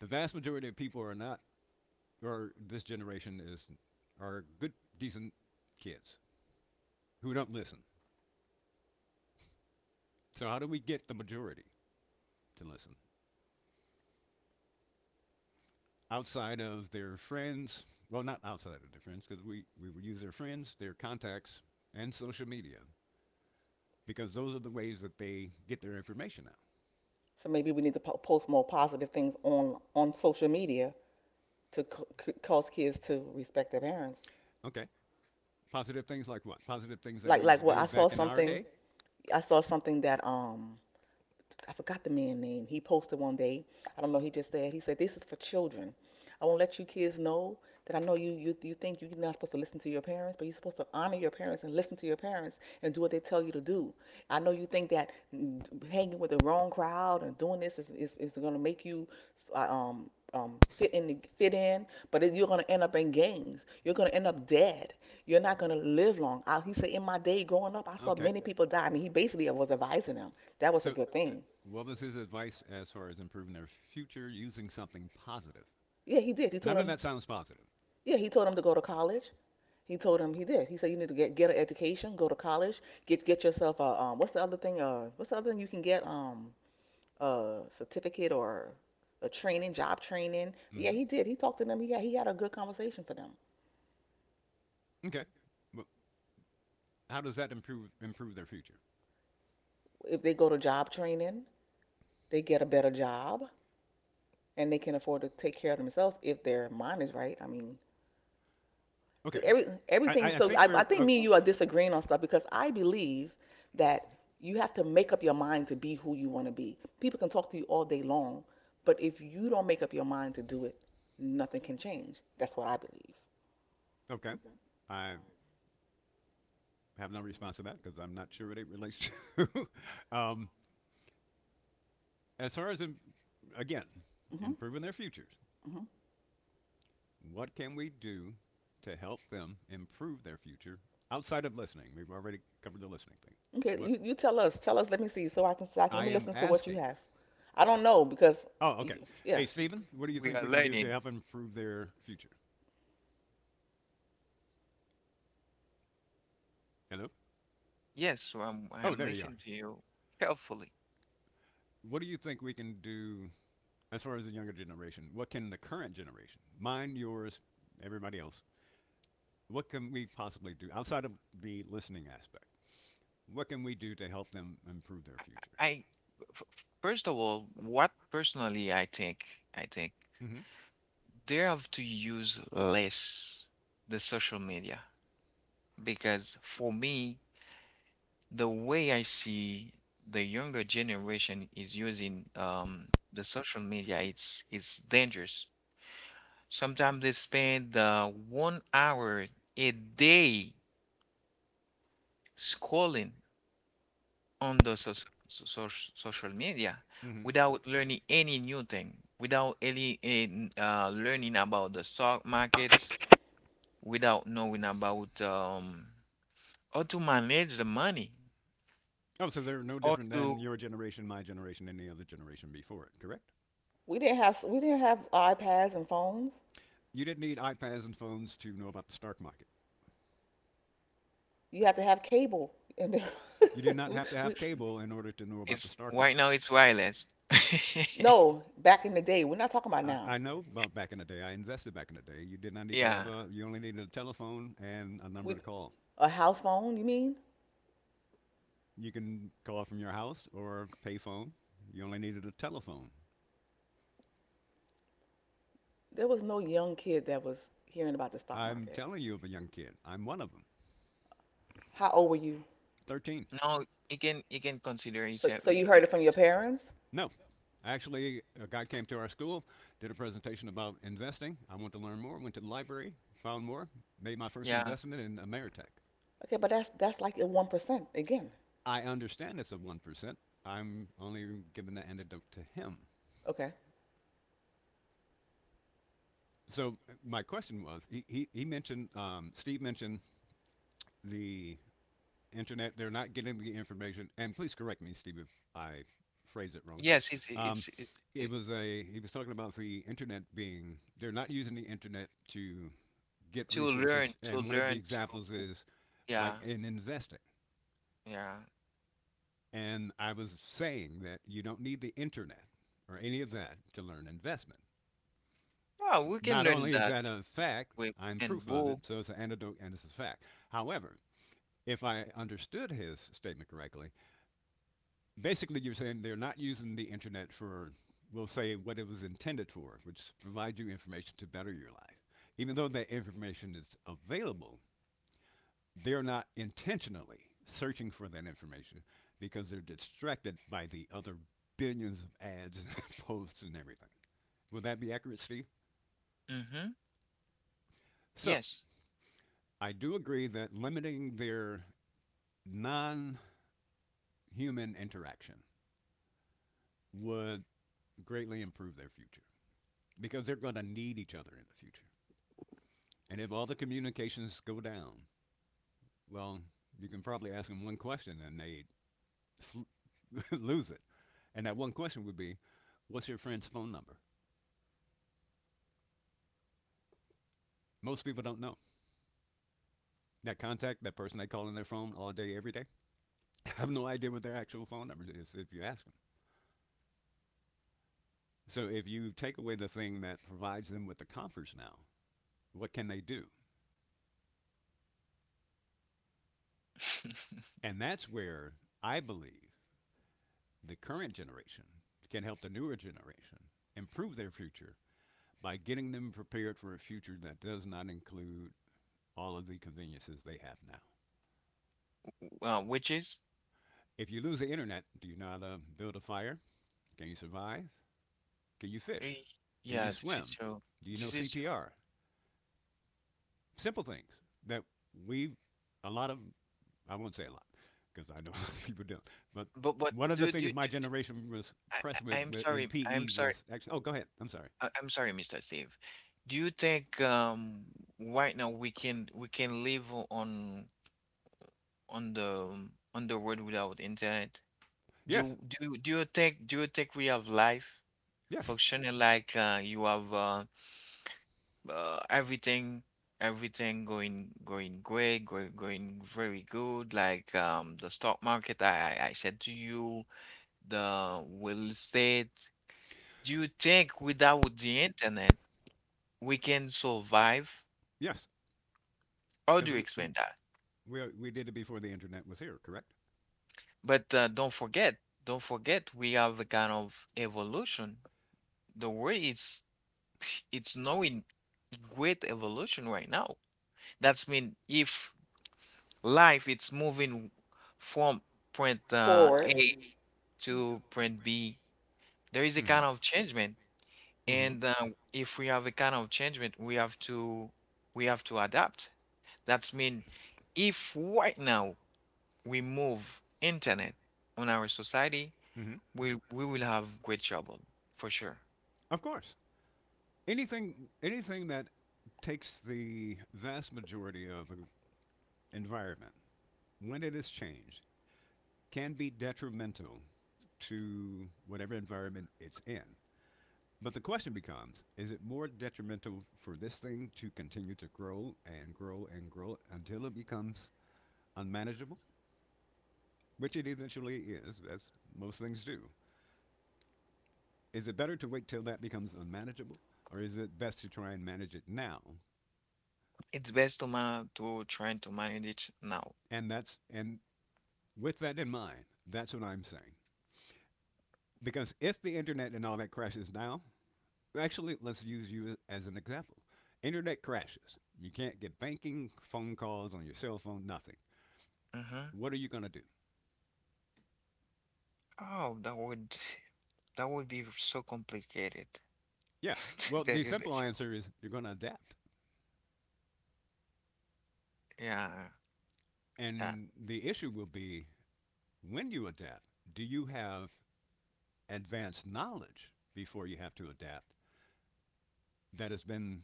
Speaker 2: The vast majority of people are not, or this generation is, are good, decent kids who don't listen. So, how do we get the majority to listen? Outside of their friends. Well, not outside of their friends, because we would use their friends, their contacts, and social media, because those are the ways that they get their information out.
Speaker 3: So maybe we need to post more positive things on social media to cause kids to respect their parents.
Speaker 2: Okay. Positive things like what? Positive things that
Speaker 3: like
Speaker 2: we used
Speaker 3: like
Speaker 2: to
Speaker 3: what
Speaker 2: do
Speaker 3: I saw,
Speaker 2: back in our
Speaker 3: something
Speaker 2: day.
Speaker 3: I saw, something that I forgot the man name. He posted one day. I don't know. He just said this is for children. I won't let you kids know that I know you think you're not supposed to listen to your parents, but you're supposed to honor your parents and listen to your parents and do what they tell you to do. I know you think that hanging with the wrong crowd and doing this is going to make you uh, um um fit in fit in, but you're going to end up in gangs. You're going to end up dead. You're not going to live long. He said in my day growing up, I saw
Speaker 2: Okay.
Speaker 3: many people die. I mean, he basically was advising them. That was a
Speaker 2: So,
Speaker 3: good
Speaker 2: uh,
Speaker 3: thing.
Speaker 2: what was his advice as far as improving their future using something positive?
Speaker 3: Yeah, he did. He told
Speaker 2: None of
Speaker 3: him.
Speaker 2: that sounds positive.
Speaker 3: Yeah, he told him to go to college. He told him he did. He said you need to get an education, go to college, get yourself a. What's the other thing? What's the other thing you can get? A certificate or a training, job training. Yeah,
Speaker 2: Hmm.
Speaker 3: he did. He talked to them. He had a good conversation for them.
Speaker 2: Okay. Well, how does that improve their future?
Speaker 3: If they go to job training, they get a better job and they can afford to take care of themselves if their mind is right. I mean, see,
Speaker 2: Okay.
Speaker 3: every,
Speaker 2: I,
Speaker 3: everything,
Speaker 2: I I
Speaker 3: so
Speaker 2: think
Speaker 3: I
Speaker 2: we're
Speaker 3: think
Speaker 2: oh,
Speaker 3: me and you are disagreeing on stuff because I believe that you have to make up your mind to be who you want to be. People can talk to you all day long, but if you don't make up your mind to do it, nothing can change. That's what I believe.
Speaker 2: okay. I have no response to that because I'm not sure what it relates to. um, as far as, again,
Speaker 3: Hmm.
Speaker 2: improving their futures,
Speaker 3: Hmm.
Speaker 2: what can we do to help them improve their future outside of listening? We've already covered the listening thing.
Speaker 3: Okay,
Speaker 2: What
Speaker 3: you tell us. Tell us, let me see, so I can, let
Speaker 2: I
Speaker 3: me
Speaker 2: am
Speaker 3: listen to what you
Speaker 2: asking.
Speaker 3: have. I don't know because,
Speaker 2: Oh, okay.
Speaker 3: yeah,
Speaker 2: Hey, Stephen, what do you
Speaker 1: We
Speaker 2: think
Speaker 1: are
Speaker 2: we can do to
Speaker 1: learning.
Speaker 2: help improve their future? Hello?
Speaker 1: Yes, so I'm
Speaker 2: Oh,
Speaker 1: I'm
Speaker 2: there you are.
Speaker 1: listening to you carefully.
Speaker 2: What do you think we can do as far as the younger generation? What can the current generation, mine, yours, everybody else, what can we possibly do outside of the listening aspect? What can we do to help them improve their future?
Speaker 1: I, I- First of all, what personally I think
Speaker 2: Mm-hmm.
Speaker 1: they have to use less the social media, because for me, the way I see the younger generation is using the social media, it's dangerous. Sometimes they spend 1 hour a day scrolling on the social media
Speaker 2: Mm-hmm.
Speaker 1: without learning any new thing, without any learning about the stock markets, without knowing about how to manage the money,
Speaker 2: Oh, so they're no
Speaker 1: how
Speaker 2: different
Speaker 1: to
Speaker 2: than your generation, my generation, any other generation before it, correct?
Speaker 3: we didn't have iPads and phones.
Speaker 2: You didn't need iPads and phones to know about the stock market.
Speaker 3: You had to have cable. And
Speaker 2: You did not have to
Speaker 3: we,
Speaker 2: have cable in order to know about the
Speaker 1: it's
Speaker 2: stock
Speaker 1: right
Speaker 2: market.
Speaker 1: now it's wireless.
Speaker 3: no, back in the day. We're not talking about
Speaker 2: I
Speaker 3: now.
Speaker 2: know about back in the day, I invested back in the day. You did not need to have
Speaker 1: Yeah.
Speaker 2: a, you only needed a telephone and a
Speaker 3: We
Speaker 2: number to call.
Speaker 3: a house phone, you mean?
Speaker 2: You can call from your house or pay phone. You only needed a telephone.
Speaker 3: There was no young kid that was hearing about the stock
Speaker 2: I'm
Speaker 3: market.
Speaker 2: telling you of a young kid. I'm one of them.
Speaker 3: How old were you?
Speaker 2: 13.
Speaker 1: No, you can consider it.
Speaker 3: So so you heard it from your parents?
Speaker 2: No, actually, a guy came to our school, did a presentation about investing. I went to learn more, went to the library, found more, made my first
Speaker 1: Yeah.
Speaker 2: investment in Ameritech.
Speaker 3: Okay, but that's like a 1% again.
Speaker 2: I understand it's a 1%. I'm only giving the antidote to him.
Speaker 3: Okay.
Speaker 2: So my question was, he mentioned, Steve mentioned the internet. They're not getting the information. And please correct me, Steve, if I phrase it wrong.
Speaker 1: Yes, it's
Speaker 2: Um,
Speaker 1: it's it's
Speaker 2: it
Speaker 1: it,
Speaker 2: was a he was talking about the internet being they're not using the internet to get
Speaker 1: to learn
Speaker 2: resources.
Speaker 1: to
Speaker 2: And one of the
Speaker 1: learn to
Speaker 2: examples is
Speaker 1: yeah,
Speaker 2: like in investing.
Speaker 1: yeah.
Speaker 2: And I was saying that you don't need the internet or any of that to learn investment.
Speaker 1: Yeah, we can
Speaker 2: Not
Speaker 1: learn
Speaker 2: only is
Speaker 1: that
Speaker 2: that a fact,
Speaker 1: with
Speaker 2: I'm
Speaker 1: and
Speaker 2: proof of
Speaker 1: book.
Speaker 2: it, so it's an anecdote and it's a fact. However, if I understood his statement correctly, basically you're saying they're not using the internet for, we'll say, what it was intended for, which is to provide you information to better your life. Even though that information is available, they're not intentionally searching for that information because they're distracted by the other billions of ads and posts and everything. Would that be accurate, Steve?
Speaker 1: Mm-hmm.
Speaker 2: So,
Speaker 1: Yes.
Speaker 2: I do agree that limiting their non human interaction would greatly improve their future because they're going to need each other in the future. And if all the communications go down, well, you can probably ask them one question and they fl- lose it. And that one question would be, what's your friend's phone number? Most people don't know. That contact, that person they call on their phone all day, every day, I have no idea what their actual phone number is if you ask them. So if you take away the thing that provides them with the comforts now, what can they do? And that's where I believe the current generation can help the newer generation improve their future by getting them prepared for a future that does not include all of the conveniences they have now.
Speaker 1: Well, which is,
Speaker 2: If you lose the internet, do you know how to build a fire? Can you survive? Can you
Speaker 1: eh,
Speaker 2: fish? Can you
Speaker 1: yeah, this is
Speaker 2: swim?
Speaker 1: true.
Speaker 2: Do you know
Speaker 1: This is true.
Speaker 2: CPR? Simple things that we, a lot of, I won't say a lot, because I know a lot of people don't. But
Speaker 1: But
Speaker 2: one of the things my generation was
Speaker 1: I,
Speaker 2: pressed with,
Speaker 1: I'm
Speaker 2: with in
Speaker 1: sorry. I'm
Speaker 2: PE
Speaker 1: sorry.
Speaker 2: was actually, oh, go ahead. I'm sorry.
Speaker 1: I'm sorry, Mr. Steve. Do you think right now we can live on the on the world without internet?
Speaker 2: Yes,
Speaker 1: Do you think we have life
Speaker 2: yes,
Speaker 1: functioning like you have uh, everything everything going great, going very good, like the stock market. I said to you the real estate. Do you think without the internet we can survive?
Speaker 2: yes.
Speaker 1: How do
Speaker 2: Because
Speaker 1: you
Speaker 2: we,
Speaker 1: explain that?
Speaker 2: we, we did it before the internet was here, correct?
Speaker 1: But don't forget, we have a kind of evolution. The world is it's knowing great evolution right now. That's mean if life it's moving from print
Speaker 3: Forward.
Speaker 1: A to print B. There is a
Speaker 2: Mm-hmm.
Speaker 1: kind of changement,
Speaker 2: Mm-hmm.
Speaker 1: and if we have a kind of changement, we have to adapt. That's mean if right now we move internet on our society,
Speaker 2: Mm-hmm.
Speaker 1: we will have great trouble for sure.
Speaker 2: Of course. Anything that takes the vast majority of an environment, when it is changed, can be detrimental to whatever environment it's in. But the question becomes is it more detrimental for this thing to continue to grow and grow and grow until it becomes unmanageable? Which it eventually is, as most things do. Is it better to wait till that becomes unmanageable? Or is it best to try and manage it now?
Speaker 1: It's best to try to manage it now.
Speaker 2: And that's and with that in mind, that's what I'm saying. Because if the internet and all that crashes now, actually, let's use you as an example. Internet crashes. You can't get banking, phone calls on your cell phone, nothing.
Speaker 1: Mm-hmm.
Speaker 2: What are you going to do?
Speaker 1: Oh, that would be so complicated
Speaker 2: Yeah.
Speaker 1: to
Speaker 2: Well,
Speaker 1: tell
Speaker 2: the
Speaker 1: you the
Speaker 2: simple
Speaker 1: truth.
Speaker 2: answer is you're going to adapt.
Speaker 1: Yeah, yeah.
Speaker 2: And the issue will be when you adapt, do you have advanced knowledge before you have to adapt that has been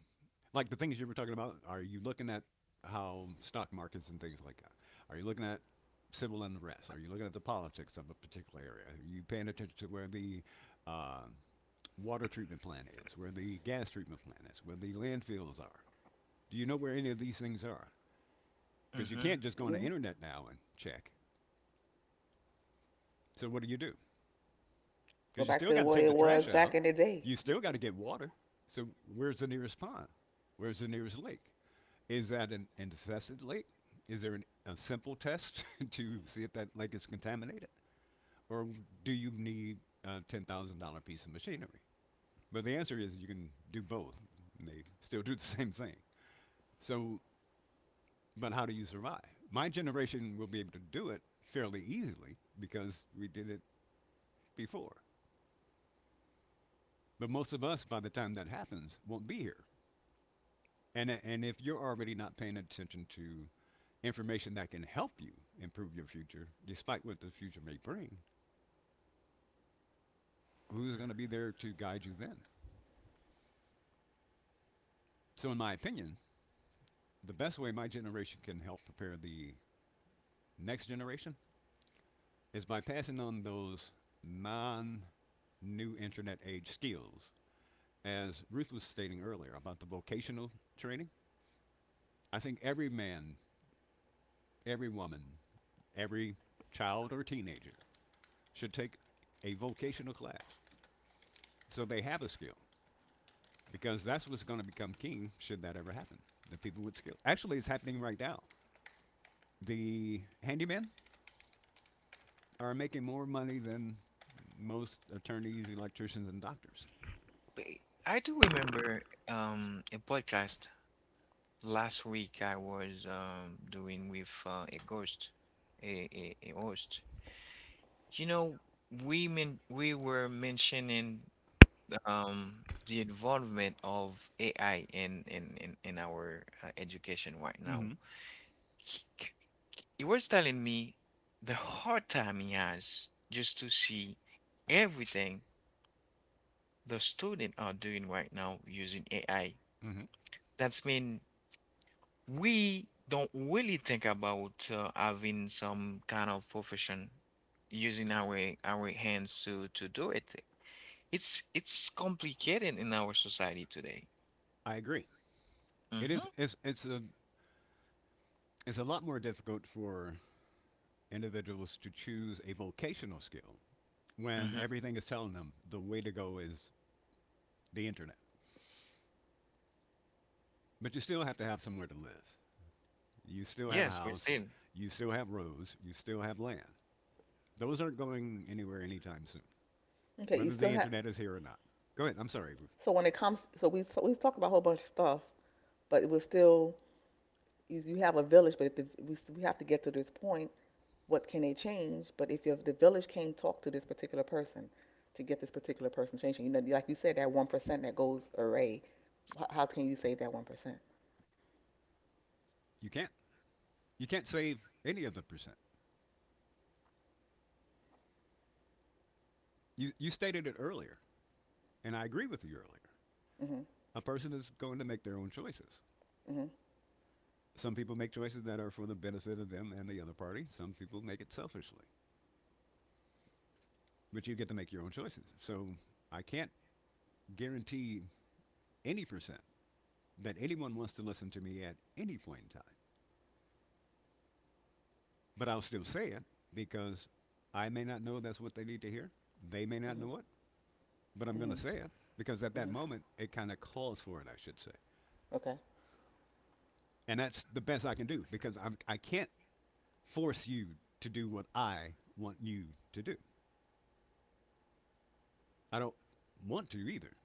Speaker 2: like the things you were talking about? Are you looking at how stock markets and things like that? Are you looking at civil unrest? Are you looking at the politics of a particular area? Are you paying attention to where the uh, water treatment plant is, where the gas treatment plant is, where the landfills are? Do you know where any of these things are? Because you
Speaker 1: Mm-hmm.
Speaker 2: can't just go on the
Speaker 3: Mm.
Speaker 2: internet now and check. So what do you do? Because
Speaker 3: Go
Speaker 2: you
Speaker 3: back
Speaker 2: still
Speaker 3: to the
Speaker 2: got to
Speaker 3: way
Speaker 2: take the
Speaker 3: it
Speaker 2: trash
Speaker 3: was
Speaker 2: out.
Speaker 3: back in the day.
Speaker 2: You still got to get water. So where's the nearest pond? Where's the nearest lake? Is that an infested lake? Is there an, a simple test to see if that lake is contaminated? Or do you need a $10,000 piece of machinery? But the answer is you can do both. And they still do the same thing. So, but how do you survive? My generation will be able to do it fairly easily because we did it before. But most of us, by the time that happens, won't be here. And if you're already not paying attention to information that can help you improve your future, despite what the future may bring, who's going to be there to guide you then? So, in my opinion, the best way my generation can help prepare the next generation is by passing on those non new internet age skills. As Ruth was stating earlier about the vocational training, I think every man, every woman, every child or teenager should take a vocational class so they have a skill because that's what's going to become king should that ever happen. The people with skill. Actually, it's happening right now. The handymen are making more money than most attorneys, electricians, and doctors.
Speaker 1: But I do remember a podcast. Last week I was doing with a ghost, a, a host. You know, we were mentioning the involvement of AI in our education right now.
Speaker 2: Mm-hmm.
Speaker 1: He, he was telling me the hard time he has just to see everything the student are doing right now using AI.
Speaker 2: Mm-hmm.
Speaker 1: That's mean we don't really think about having some kind of profession using our hands to do it. It's complicated in our society today.
Speaker 2: I agree. It
Speaker 1: Mm-hmm.
Speaker 2: is. It's a lot more difficult for individuals to choose a vocational skill when
Speaker 1: Mm-hmm.
Speaker 2: everything is telling them the way to go is the internet. But you still have to have somewhere to live. You still have a
Speaker 1: Yes, we
Speaker 2: house.
Speaker 1: still.
Speaker 2: You still have roads. You still have land. Those aren't going anywhere anytime soon,
Speaker 3: Okay, you
Speaker 2: whether
Speaker 3: still
Speaker 2: the
Speaker 3: have.
Speaker 2: internet is here or not. Go ahead. I'm sorry, Ruth.
Speaker 3: So when it comes, so we talk about a whole bunch of stuff, but it, was still you, you have a village, but we have to get to this point what can they change? But if you the village can't talk to this particular person to get this particular person changing, like you said, that 1% that goes array, how can you save that 1%?
Speaker 2: You can't. You can't save any of the percent. You stated it earlier, and I agree with you earlier.
Speaker 3: Mhm.
Speaker 2: A person is going to make their own choices.
Speaker 3: Mhm.
Speaker 2: Some people make choices that are for the benefit of them and the other party. Some people make it selfishly. But you get to make your own choices. So I can't guarantee any percent that anyone wants to listen to me at any point in time. But I'll still say it because I may not know that's what they need to hear. They may not
Speaker 3: Mhm.
Speaker 2: know it. But I'm going to
Speaker 3: Mhm.
Speaker 2: say it because at that
Speaker 3: Mhm.
Speaker 2: moment it kind of calls for it, I should say.
Speaker 3: Okay.
Speaker 2: And that's the best I can do because I can't force you to do what I want you to do. I don't want to either.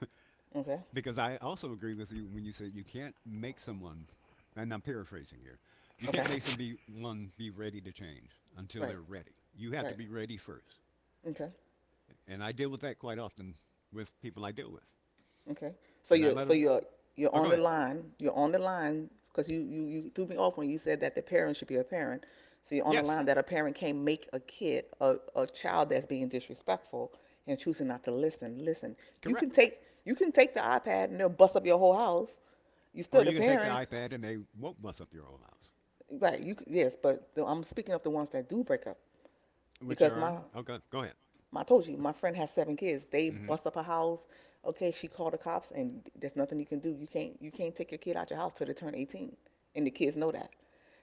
Speaker 3: Okay.
Speaker 2: Because I also agree with you when you say you can't make someone, and I'm paraphrasing here, you
Speaker 3: Okay.
Speaker 2: can't make someone be ready to change until
Speaker 3: Right.
Speaker 2: they're ready. You have to
Speaker 3: Right.
Speaker 2: be ready first.
Speaker 3: Okay.
Speaker 2: And I deal with that quite often with people I deal with.
Speaker 3: Okay, so
Speaker 2: And I
Speaker 3: you're,
Speaker 2: let
Speaker 3: so
Speaker 2: them,
Speaker 3: you're, you're
Speaker 2: oh,
Speaker 3: on
Speaker 2: go
Speaker 3: the
Speaker 2: ahead.
Speaker 3: line, you're on the line, because you threw me off when you said that the parent should be a parent. So you're on the
Speaker 2: Yes,
Speaker 3: line that a parent can't make a kid, a child that's being disrespectful and choosing not to listen. You
Speaker 2: correct.
Speaker 3: can take, you can take the iPad and they'll bust up your whole house. You still
Speaker 2: Or
Speaker 3: the
Speaker 2: you can take the
Speaker 3: parent.
Speaker 2: iPad and they won't bust up your whole house.
Speaker 3: Right, yes, but I'm speaking of the ones that do break up
Speaker 2: Which
Speaker 3: because
Speaker 2: are
Speaker 3: my
Speaker 2: okay. Go ahead.
Speaker 3: I told you, my friend has seven kids. They
Speaker 2: Mm-hmm.
Speaker 3: bust up her house. Okay, she called the cops, and there's nothing you can do. You can't take your kid out your house till they turn 18, and the kids know that.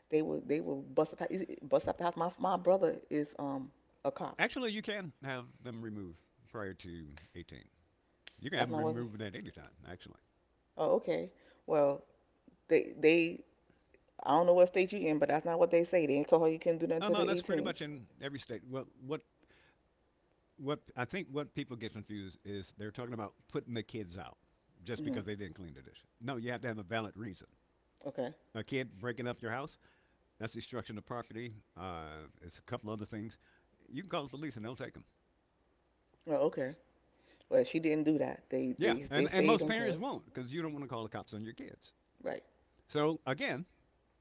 Speaker 3: They will bust up the house. My brother is a cop.
Speaker 2: Actually, you can have them removed prior to 18. You can have
Speaker 3: That's
Speaker 2: them
Speaker 3: not what.
Speaker 2: removed at any time. Actually,
Speaker 3: Oh, okay. Well, they I don't know what state you in, but that's not what they say. They ain't told her you can do nothing
Speaker 2: oh
Speaker 3: till they're
Speaker 2: no, that's pretty
Speaker 3: 18.
Speaker 2: much in every state. What I think what people get confused is they're talking about putting the kids out just
Speaker 3: Mhm.
Speaker 2: because they didn't clean the dishes. No, you have to have a valid reason.
Speaker 3: Okay.
Speaker 2: A kid breaking up your house—that's destruction of property. It's a couple other things. You can call the police and they'll take them.
Speaker 3: Well, okay. Well, she didn't do that. They
Speaker 2: Yeah,
Speaker 3: they they
Speaker 2: and
Speaker 3: stayed
Speaker 2: most parents
Speaker 3: until.
Speaker 2: won't because you don't want to call the cops on your kids.
Speaker 3: Right.
Speaker 2: So again,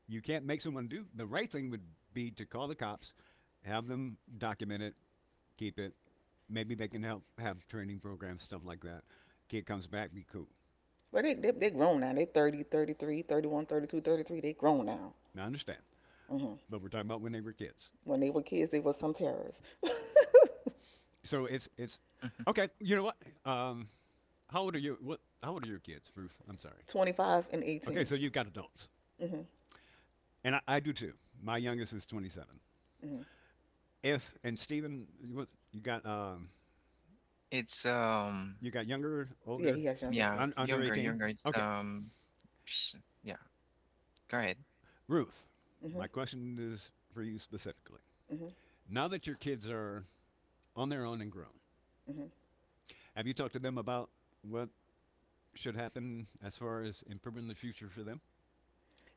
Speaker 2: you can't make someone do the right thing would be to call the cops, have them document it, keep it. Maybe they can help have training programs, stuff like that. Kid comes back, be cool.
Speaker 3: But they grown now. They 30, 33, 31, 32, 33.
Speaker 2: Now, I understand,
Speaker 3: They grown now. Hmm.
Speaker 2: but we're talking about when they were kids.
Speaker 3: When they were kids, they were some terrorists.
Speaker 2: So it's
Speaker 1: Mhm.
Speaker 2: okay. You know what? Um, how old are you? What? How old are your kids, Ruth? I'm sorry.
Speaker 3: 25 and
Speaker 2: Okay,
Speaker 3: 18.
Speaker 2: so you've got adults,
Speaker 3: Hmm.
Speaker 2: and I do too. My youngest is 27.
Speaker 3: Hmm.
Speaker 2: If and Stephen, you got
Speaker 1: It's
Speaker 2: You got younger,
Speaker 3: Yeah,
Speaker 2: older,
Speaker 3: he has younger
Speaker 1: yeah,
Speaker 3: kids.
Speaker 2: under
Speaker 1: younger,
Speaker 2: 18?
Speaker 1: younger. It's
Speaker 2: Okay.
Speaker 1: psh, yeah. Go ahead.
Speaker 2: Ruth,
Speaker 3: Hmm.
Speaker 2: my question is for you specifically.
Speaker 3: Hmm.
Speaker 2: Now that your kids are on their own and grown,
Speaker 3: Hmm.
Speaker 2: have you talked to them about what should happen as far as improving the future for them?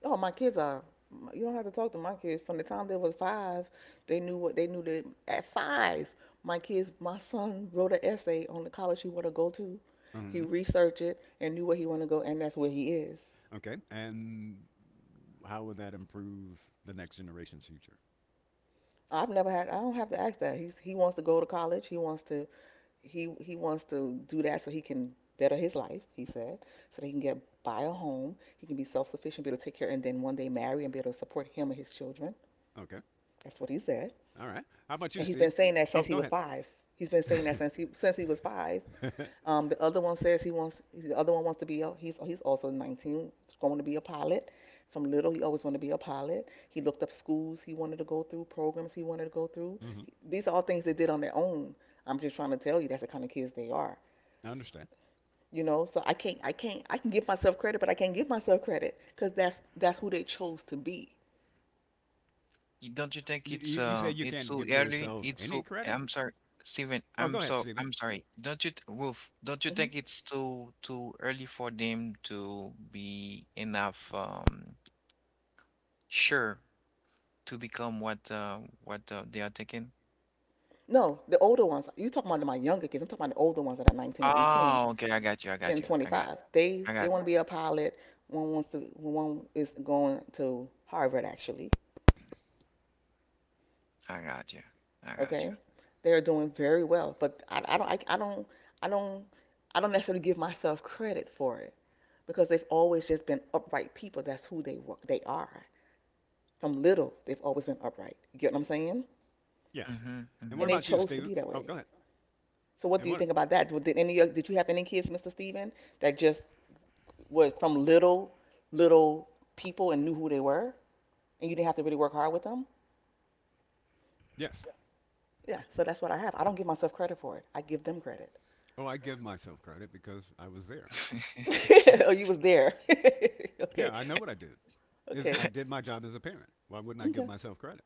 Speaker 3: Oh, my kids are. You don't have to talk to my kids. From the time they was 5, they knew what they knew. That at 5, my son wrote an essay on the college he want to go to. He
Speaker 2: Mm-hmm.
Speaker 3: researched it and knew where he want to go, and that's where he is.
Speaker 2: Okay. And how would that improve the next generation's future?
Speaker 3: I've never had. I don't have to ask that. He wants to go to college. He wants to do that so he can better his life. He said so that he can get buy a home. He can be self sufficient, be able to take care, and then one day marry and be able to support him and his children.
Speaker 2: Okay.
Speaker 3: That's what he said.
Speaker 2: All right. How about you,
Speaker 3: And he's been
Speaker 2: Steve?
Speaker 3: saying that
Speaker 2: Oh,
Speaker 3: since he
Speaker 2: go
Speaker 3: was
Speaker 2: ahead.
Speaker 3: 5. He's been saying that since he was five.
Speaker 2: Mm-hmm.
Speaker 3: The other one says he wants. The other one wants to be. A, he's also 19, going to be a pilot. From little, he always wanted to be a pilot. He looked up schools he wanted to go through, programs he wanted to go through. These are all things they did on their own. I'm just trying to tell you that's the kind of kids they are.
Speaker 2: I understand.
Speaker 3: So I can't, I can give myself credit, but I can't give myself credit because that's who they chose to be.
Speaker 1: Don't you think
Speaker 2: You,
Speaker 1: it's
Speaker 2: you, you
Speaker 1: um
Speaker 2: said you
Speaker 1: it's
Speaker 2: can't
Speaker 1: too
Speaker 2: give
Speaker 1: early?
Speaker 2: yourself
Speaker 1: It's
Speaker 2: any
Speaker 1: too,
Speaker 2: credit?
Speaker 1: I'm sorry, Steven,
Speaker 2: Oh, go ahead, Stephen.
Speaker 1: I'm sorry. Don't you th- Wolf, don't you
Speaker 3: Hmm.
Speaker 1: think it's too early for them to be enough sure to become what they are taking?
Speaker 3: No, the older ones. You talking about my younger kids? I'm talking about the older ones that are 19 and 18.
Speaker 1: Oh, okay, I got you, I got
Speaker 3: In
Speaker 1: you, I got you.
Speaker 3: 25. They
Speaker 1: I
Speaker 3: they
Speaker 1: got
Speaker 3: want to be a pilot. One is going to Harvard actually.
Speaker 1: I got you, I got you.
Speaker 3: Okay, they're doing very well, but I don't necessarily give myself credit for it because they've always just been upright people. That's who they are. From little, they've always been upright. You get what I'm saying?
Speaker 2: Yes.
Speaker 1: Mm-hmm,
Speaker 2: And
Speaker 1: mm-hmm.
Speaker 2: what
Speaker 3: And they
Speaker 2: about you,
Speaker 3: chose to
Speaker 2: Stephen?
Speaker 3: be that
Speaker 2: Oh, go
Speaker 3: way.
Speaker 2: ahead.
Speaker 3: So what do
Speaker 2: And
Speaker 3: you
Speaker 2: what?
Speaker 3: think about that? Did you have any kids, Mr. Steven, that just were from little people and knew who they were? And you didn't have to really work hard with them.
Speaker 2: Yes.
Speaker 3: Yeah, so that's what I have. I don't give myself credit for it. I give them credit.
Speaker 2: Oh, I give myself credit because I was there.
Speaker 3: Oh, you was there. Okay, okay,
Speaker 2: Yeah, I know what I did. Is I did my job as a parent. Why wouldn't I give
Speaker 3: okay,
Speaker 2: myself credit?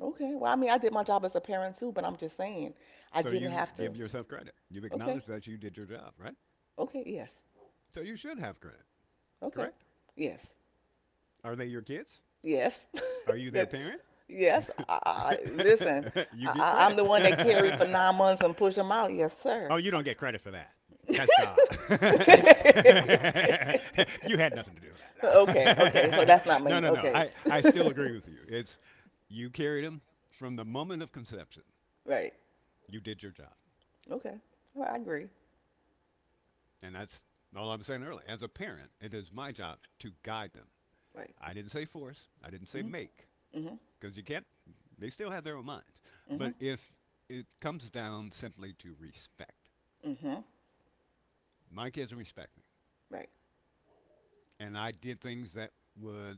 Speaker 3: okay. Well, I mean, I did my job as a parent too, but I'm just saying I
Speaker 2: So
Speaker 3: didn't
Speaker 2: you
Speaker 3: have to.
Speaker 2: give yourself credit. You have
Speaker 3: Okay,
Speaker 2: acknowledged that you did your job, right?
Speaker 3: okay, yes,
Speaker 2: So you should have credit,
Speaker 3: okay,
Speaker 2: correct?
Speaker 3: yes,
Speaker 2: Are they your kids?
Speaker 3: yes.
Speaker 2: Are you their
Speaker 3: that,
Speaker 2: parent?
Speaker 3: yes. I listen.
Speaker 2: You get
Speaker 3: I'm the
Speaker 2: credit.
Speaker 3: one that carried for 9 months and pushed them out. Yes,
Speaker 2: Oh,
Speaker 3: sir.
Speaker 2: you don't get credit for that. That's God. You had nothing to do with
Speaker 3: Okay, okay, so
Speaker 2: that.
Speaker 3: that's not
Speaker 2: No,
Speaker 3: mean,
Speaker 2: no, no.
Speaker 3: okay.
Speaker 2: I still agree with you. It's you carried him from the moment of conception.
Speaker 3: Right,
Speaker 2: You did your job.
Speaker 3: okay, well, I agree,
Speaker 2: And that's all I was saying earlier. As a parent, it is my job to guide them.
Speaker 3: right,
Speaker 2: I didn't say force. I didn't say
Speaker 3: mhm,
Speaker 2: make.
Speaker 3: mhm,
Speaker 2: Because you can't, they still have their own minds. But
Speaker 3: mhm,
Speaker 2: if it comes down simply to respect,
Speaker 3: mhm,
Speaker 2: my kids respect me.
Speaker 3: right,
Speaker 2: And I did things that would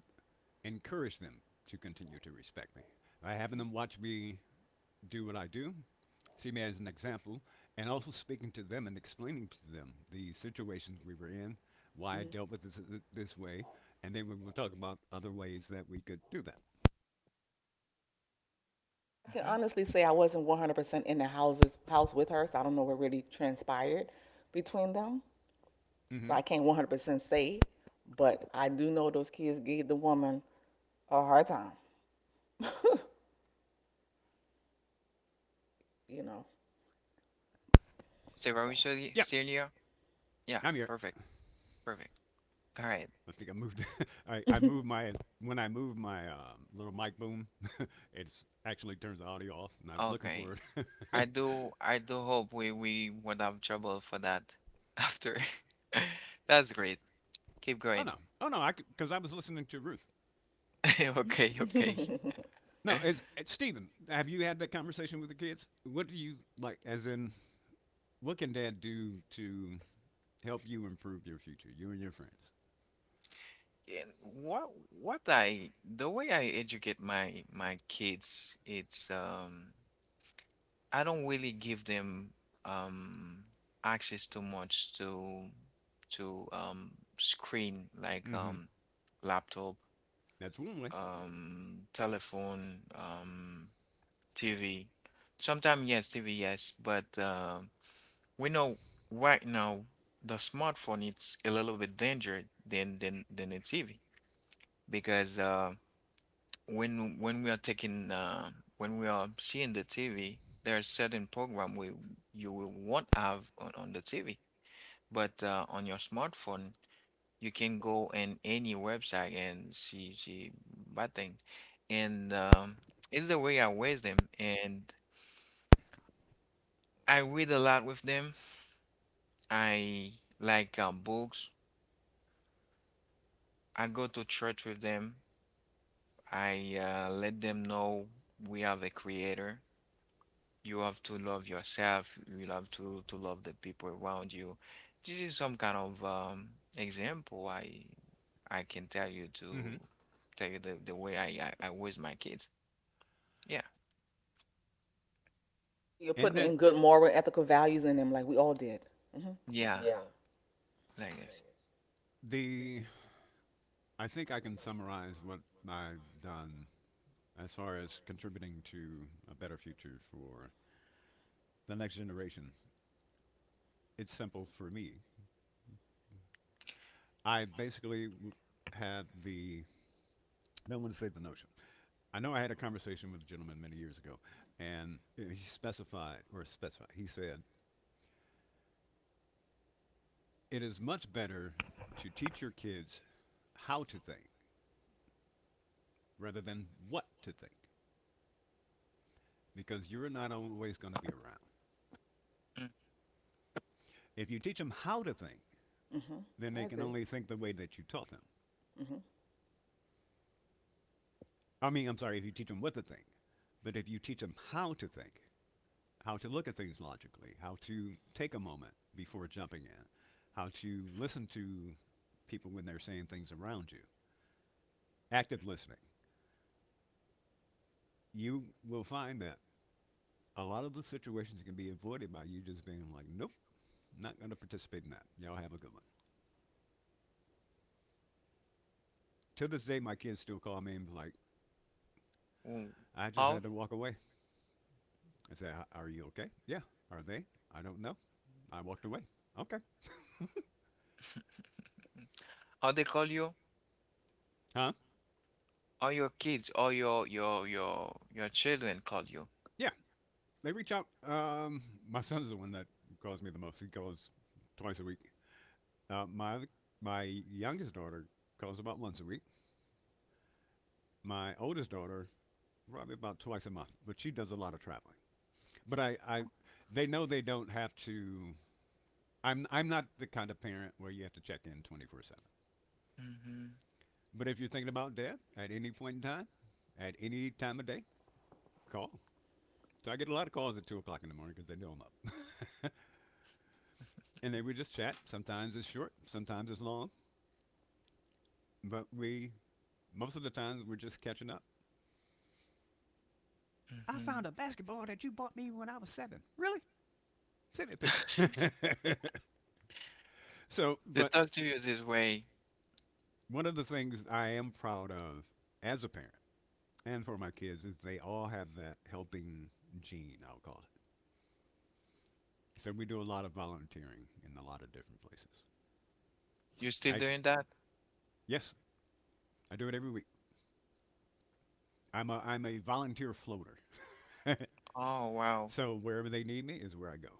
Speaker 2: encourage them to continue to respect me by having them watch me do what I do, see me as an example, and also speaking to them and explaining to them the situations we were in, why I
Speaker 3: mhm.
Speaker 2: dealt with this way, and then we will talk about other ways that we could do that.
Speaker 3: I can
Speaker 1: Mm-hmm.
Speaker 3: honestly say I wasn't 100% in the house with her, so I don't know what really transpired between them, so
Speaker 2: Hmm.
Speaker 3: I can't 100% say, but I do know those kids gave the woman a hard time, you know, so.
Speaker 1: Steroid,
Speaker 2: Yeah,
Speaker 1: Celia? Yeah,
Speaker 2: I'm here.
Speaker 1: perfect, perfect. All right,
Speaker 2: I think I moved. I moved my When I moved my little mic boom, it actually turns the audio off, and I was looking
Speaker 1: okay.
Speaker 2: for it.
Speaker 1: I do hope we won't have trouble for that after. That's great. Keep
Speaker 2: Oh
Speaker 1: going.
Speaker 2: no, oh no, I because I was listening to Ruth.
Speaker 1: Okay, okay.
Speaker 2: No,
Speaker 1: And
Speaker 2: as Stephen, have you had that conversation with the kids? What do you like? As in, what can Dad do to help you improve your future, you and your friends?
Speaker 1: what I the way I educate my kids, it's I don't really give them um access too much to screen, like
Speaker 2: Mm-hmm.
Speaker 1: laptop,
Speaker 2: That's one way.
Speaker 1: telephone, TV. Sometimes, yes, TV, yes, but we know right now the smartphone it's a little bit danger than the TV, because when when we are taking uh, when we are seeing the TV, there are certain program we you will won't have on the TV, but on your smartphone you can go in any website and see bad things. And it's the way I wear them, and I read a lot with them. I like books. I go to church with them. I, let them know we have a creator. You have to love yourself. You have to love the people around you. This is some kind of example. I can tell you to
Speaker 2: Mm-hmm.
Speaker 1: tell you the way I raise my kids. Yeah.
Speaker 3: You're
Speaker 2: And
Speaker 3: putting
Speaker 2: that
Speaker 3: in good moral, and ethical values in them, like we all did. Mhm,
Speaker 1: Yeah, like that.
Speaker 2: the I think I can summarize what I've done as far as contributing to a better future for the next generation. It's simple for me. I basically had the I don't want to say the notion. I know I had a conversation with a gentleman many years ago, and he specified, or specified, he said, it is much better to teach your kids how to think rather than what to think because you're not always going to be around.
Speaker 1: Mm.
Speaker 2: If you teach them how to think,
Speaker 3: mhm,
Speaker 2: then they
Speaker 3: I
Speaker 2: can
Speaker 3: agree.
Speaker 2: only think the way that you taught them.
Speaker 3: Mm-hmm.
Speaker 2: I mean, I'm sorry, if you teach them what to think, but if you teach them how to think, how to look at things logically, how to take a moment before jumping in, how to listen to people when they're saying things around you, active listening. You will find that a lot of the situations can be avoided by you just being like, nope, not going to participate in that. Y'all have a good one. To this day, my kids still call me and be like,
Speaker 1: Mm.
Speaker 2: I just
Speaker 1: How
Speaker 2: had to walk away. I say, are you okay? Yeah. Are they? I don't know. I walked away. Okay.
Speaker 1: how they call you?
Speaker 2: Huh?
Speaker 1: Or your kids or your children call you?
Speaker 2: Yeah. They reach out. My son's the one that calls me the most. He calls twice a week. Uh, my my youngest daughter calls about once a week. My oldest daughter probably about twice a month, but she does a lot of traveling. But they know they don't have to. I'm not the kind of parent where you have to check in 24/7.
Speaker 1: Mm-hmm.
Speaker 2: But if you're thinking about dad at any point in time, at any time of day, call. So I get a lot of calls at 2 o'clock in the morning because they know I'm up. And they would just chat. Sometimes it's short, sometimes it's long. But we, most of the time, we're just catching up. I found
Speaker 1: Mm-hmm.
Speaker 2: a basketball that you bought me when I was 7. Really? Send me a picture. so,
Speaker 1: They
Speaker 2: but
Speaker 1: talk to you this way.
Speaker 2: one of the things I am proud of as a parent and for my kids is they all have that helping gene, I'll call it. So we do a lot of volunteering in a lot of different places.
Speaker 1: You still
Speaker 2: I s-
Speaker 1: doing that?
Speaker 2: yes, I do it every week. I'm a volunteer floater.
Speaker 1: Oh wow.
Speaker 2: So wherever they need me is where I go.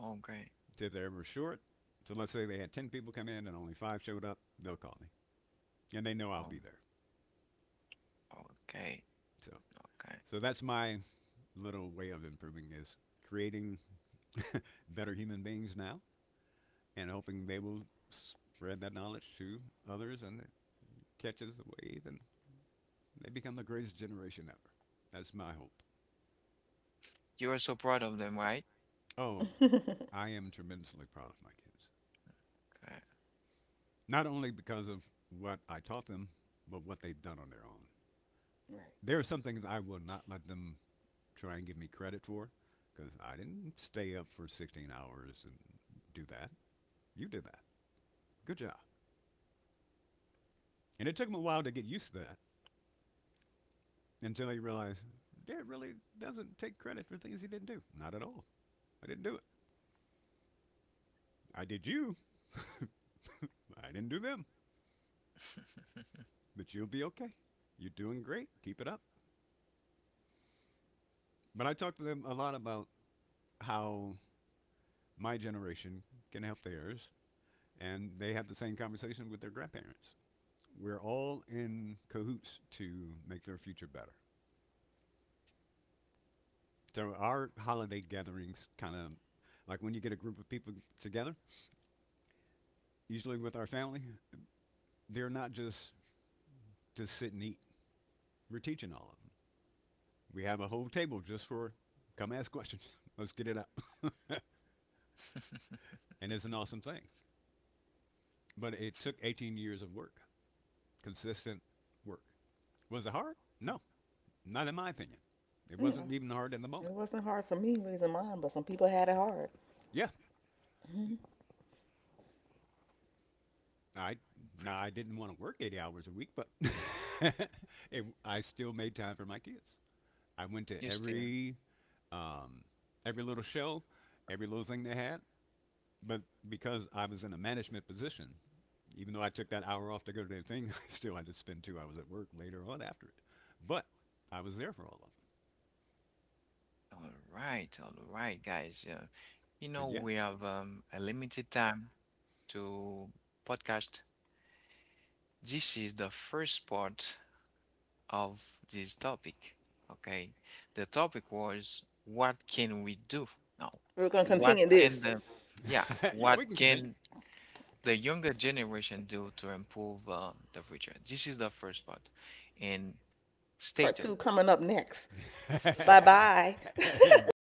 Speaker 1: Okay.
Speaker 2: So if they're ever short, so let's say they had 10 people come in and only five showed up, they'll call me, and they know I'll be
Speaker 1: Um,
Speaker 2: there.
Speaker 1: okay.
Speaker 2: So
Speaker 1: Okay.
Speaker 2: so that's my little way of improving is creating better human beings now and hoping they will spread that knowledge to others and catches the wave and they become the greatest generation ever. That's my hope.
Speaker 1: You are so proud of them, right?
Speaker 2: Oh, I am tremendously proud of my kids.
Speaker 1: Okay.
Speaker 2: Not only because of what I taught them, but what they've done on their own.
Speaker 3: Right.
Speaker 2: There are some things I will not let them try and give me credit for because I didn't stay up for 16 hours and do that. You did that. Good job. And it took him a while to get used to that until he realized Dad really doesn't take credit for things he didn't do. Not at all. I didn't do it. I did you. I didn't do them. But you'll be okay. You're doing great. Keep it up. But I talk to them a lot about how my generation can help theirs, and they have the same conversation with their grandparents. We're all in cahoots to make their future better. So our holiday gatherings, kind of like when you get a group of people together, usually with our family, they're not just to sit and eat. We're teaching all of them. We have a whole table just for come ask questions. Let's get it out. And it's an awesome thing. But it took 18 years of work, consistent work. Was it hard?
Speaker 1: Mm.
Speaker 2: No, not in my opinion. It
Speaker 3: Mm,
Speaker 2: wasn't even hard in the
Speaker 3: it
Speaker 2: moment.
Speaker 3: wasn't hard for me raising mine, but some people had it hard.
Speaker 2: Yeah,
Speaker 3: Mhm.
Speaker 2: I now
Speaker 1: Perfect.
Speaker 2: I didn't want to work 80 hours a week, but I still made time for my kids. I went to
Speaker 1: You still.
Speaker 2: um, every little show, every little thing they had, but because I was in a management position, even though I took that hour off to go to the thing, I still had to spend 2 hours at work later on after it. But I was there for all of them.
Speaker 1: All right. All right, guys. You
Speaker 2: But
Speaker 1: know
Speaker 2: yeah,
Speaker 1: we have a limited time to podcast. This is the first part of this topic. Okay. The topic was, what can we do now?
Speaker 3: We're going to
Speaker 1: What
Speaker 3: continue this.
Speaker 1: can the yeah,
Speaker 2: yeah,
Speaker 1: what
Speaker 2: we can continue.
Speaker 1: can the younger generation do to improve the future? This is the first part. And stay
Speaker 3: Part
Speaker 1: tuned.
Speaker 3: two coming up next. Bye. Bye.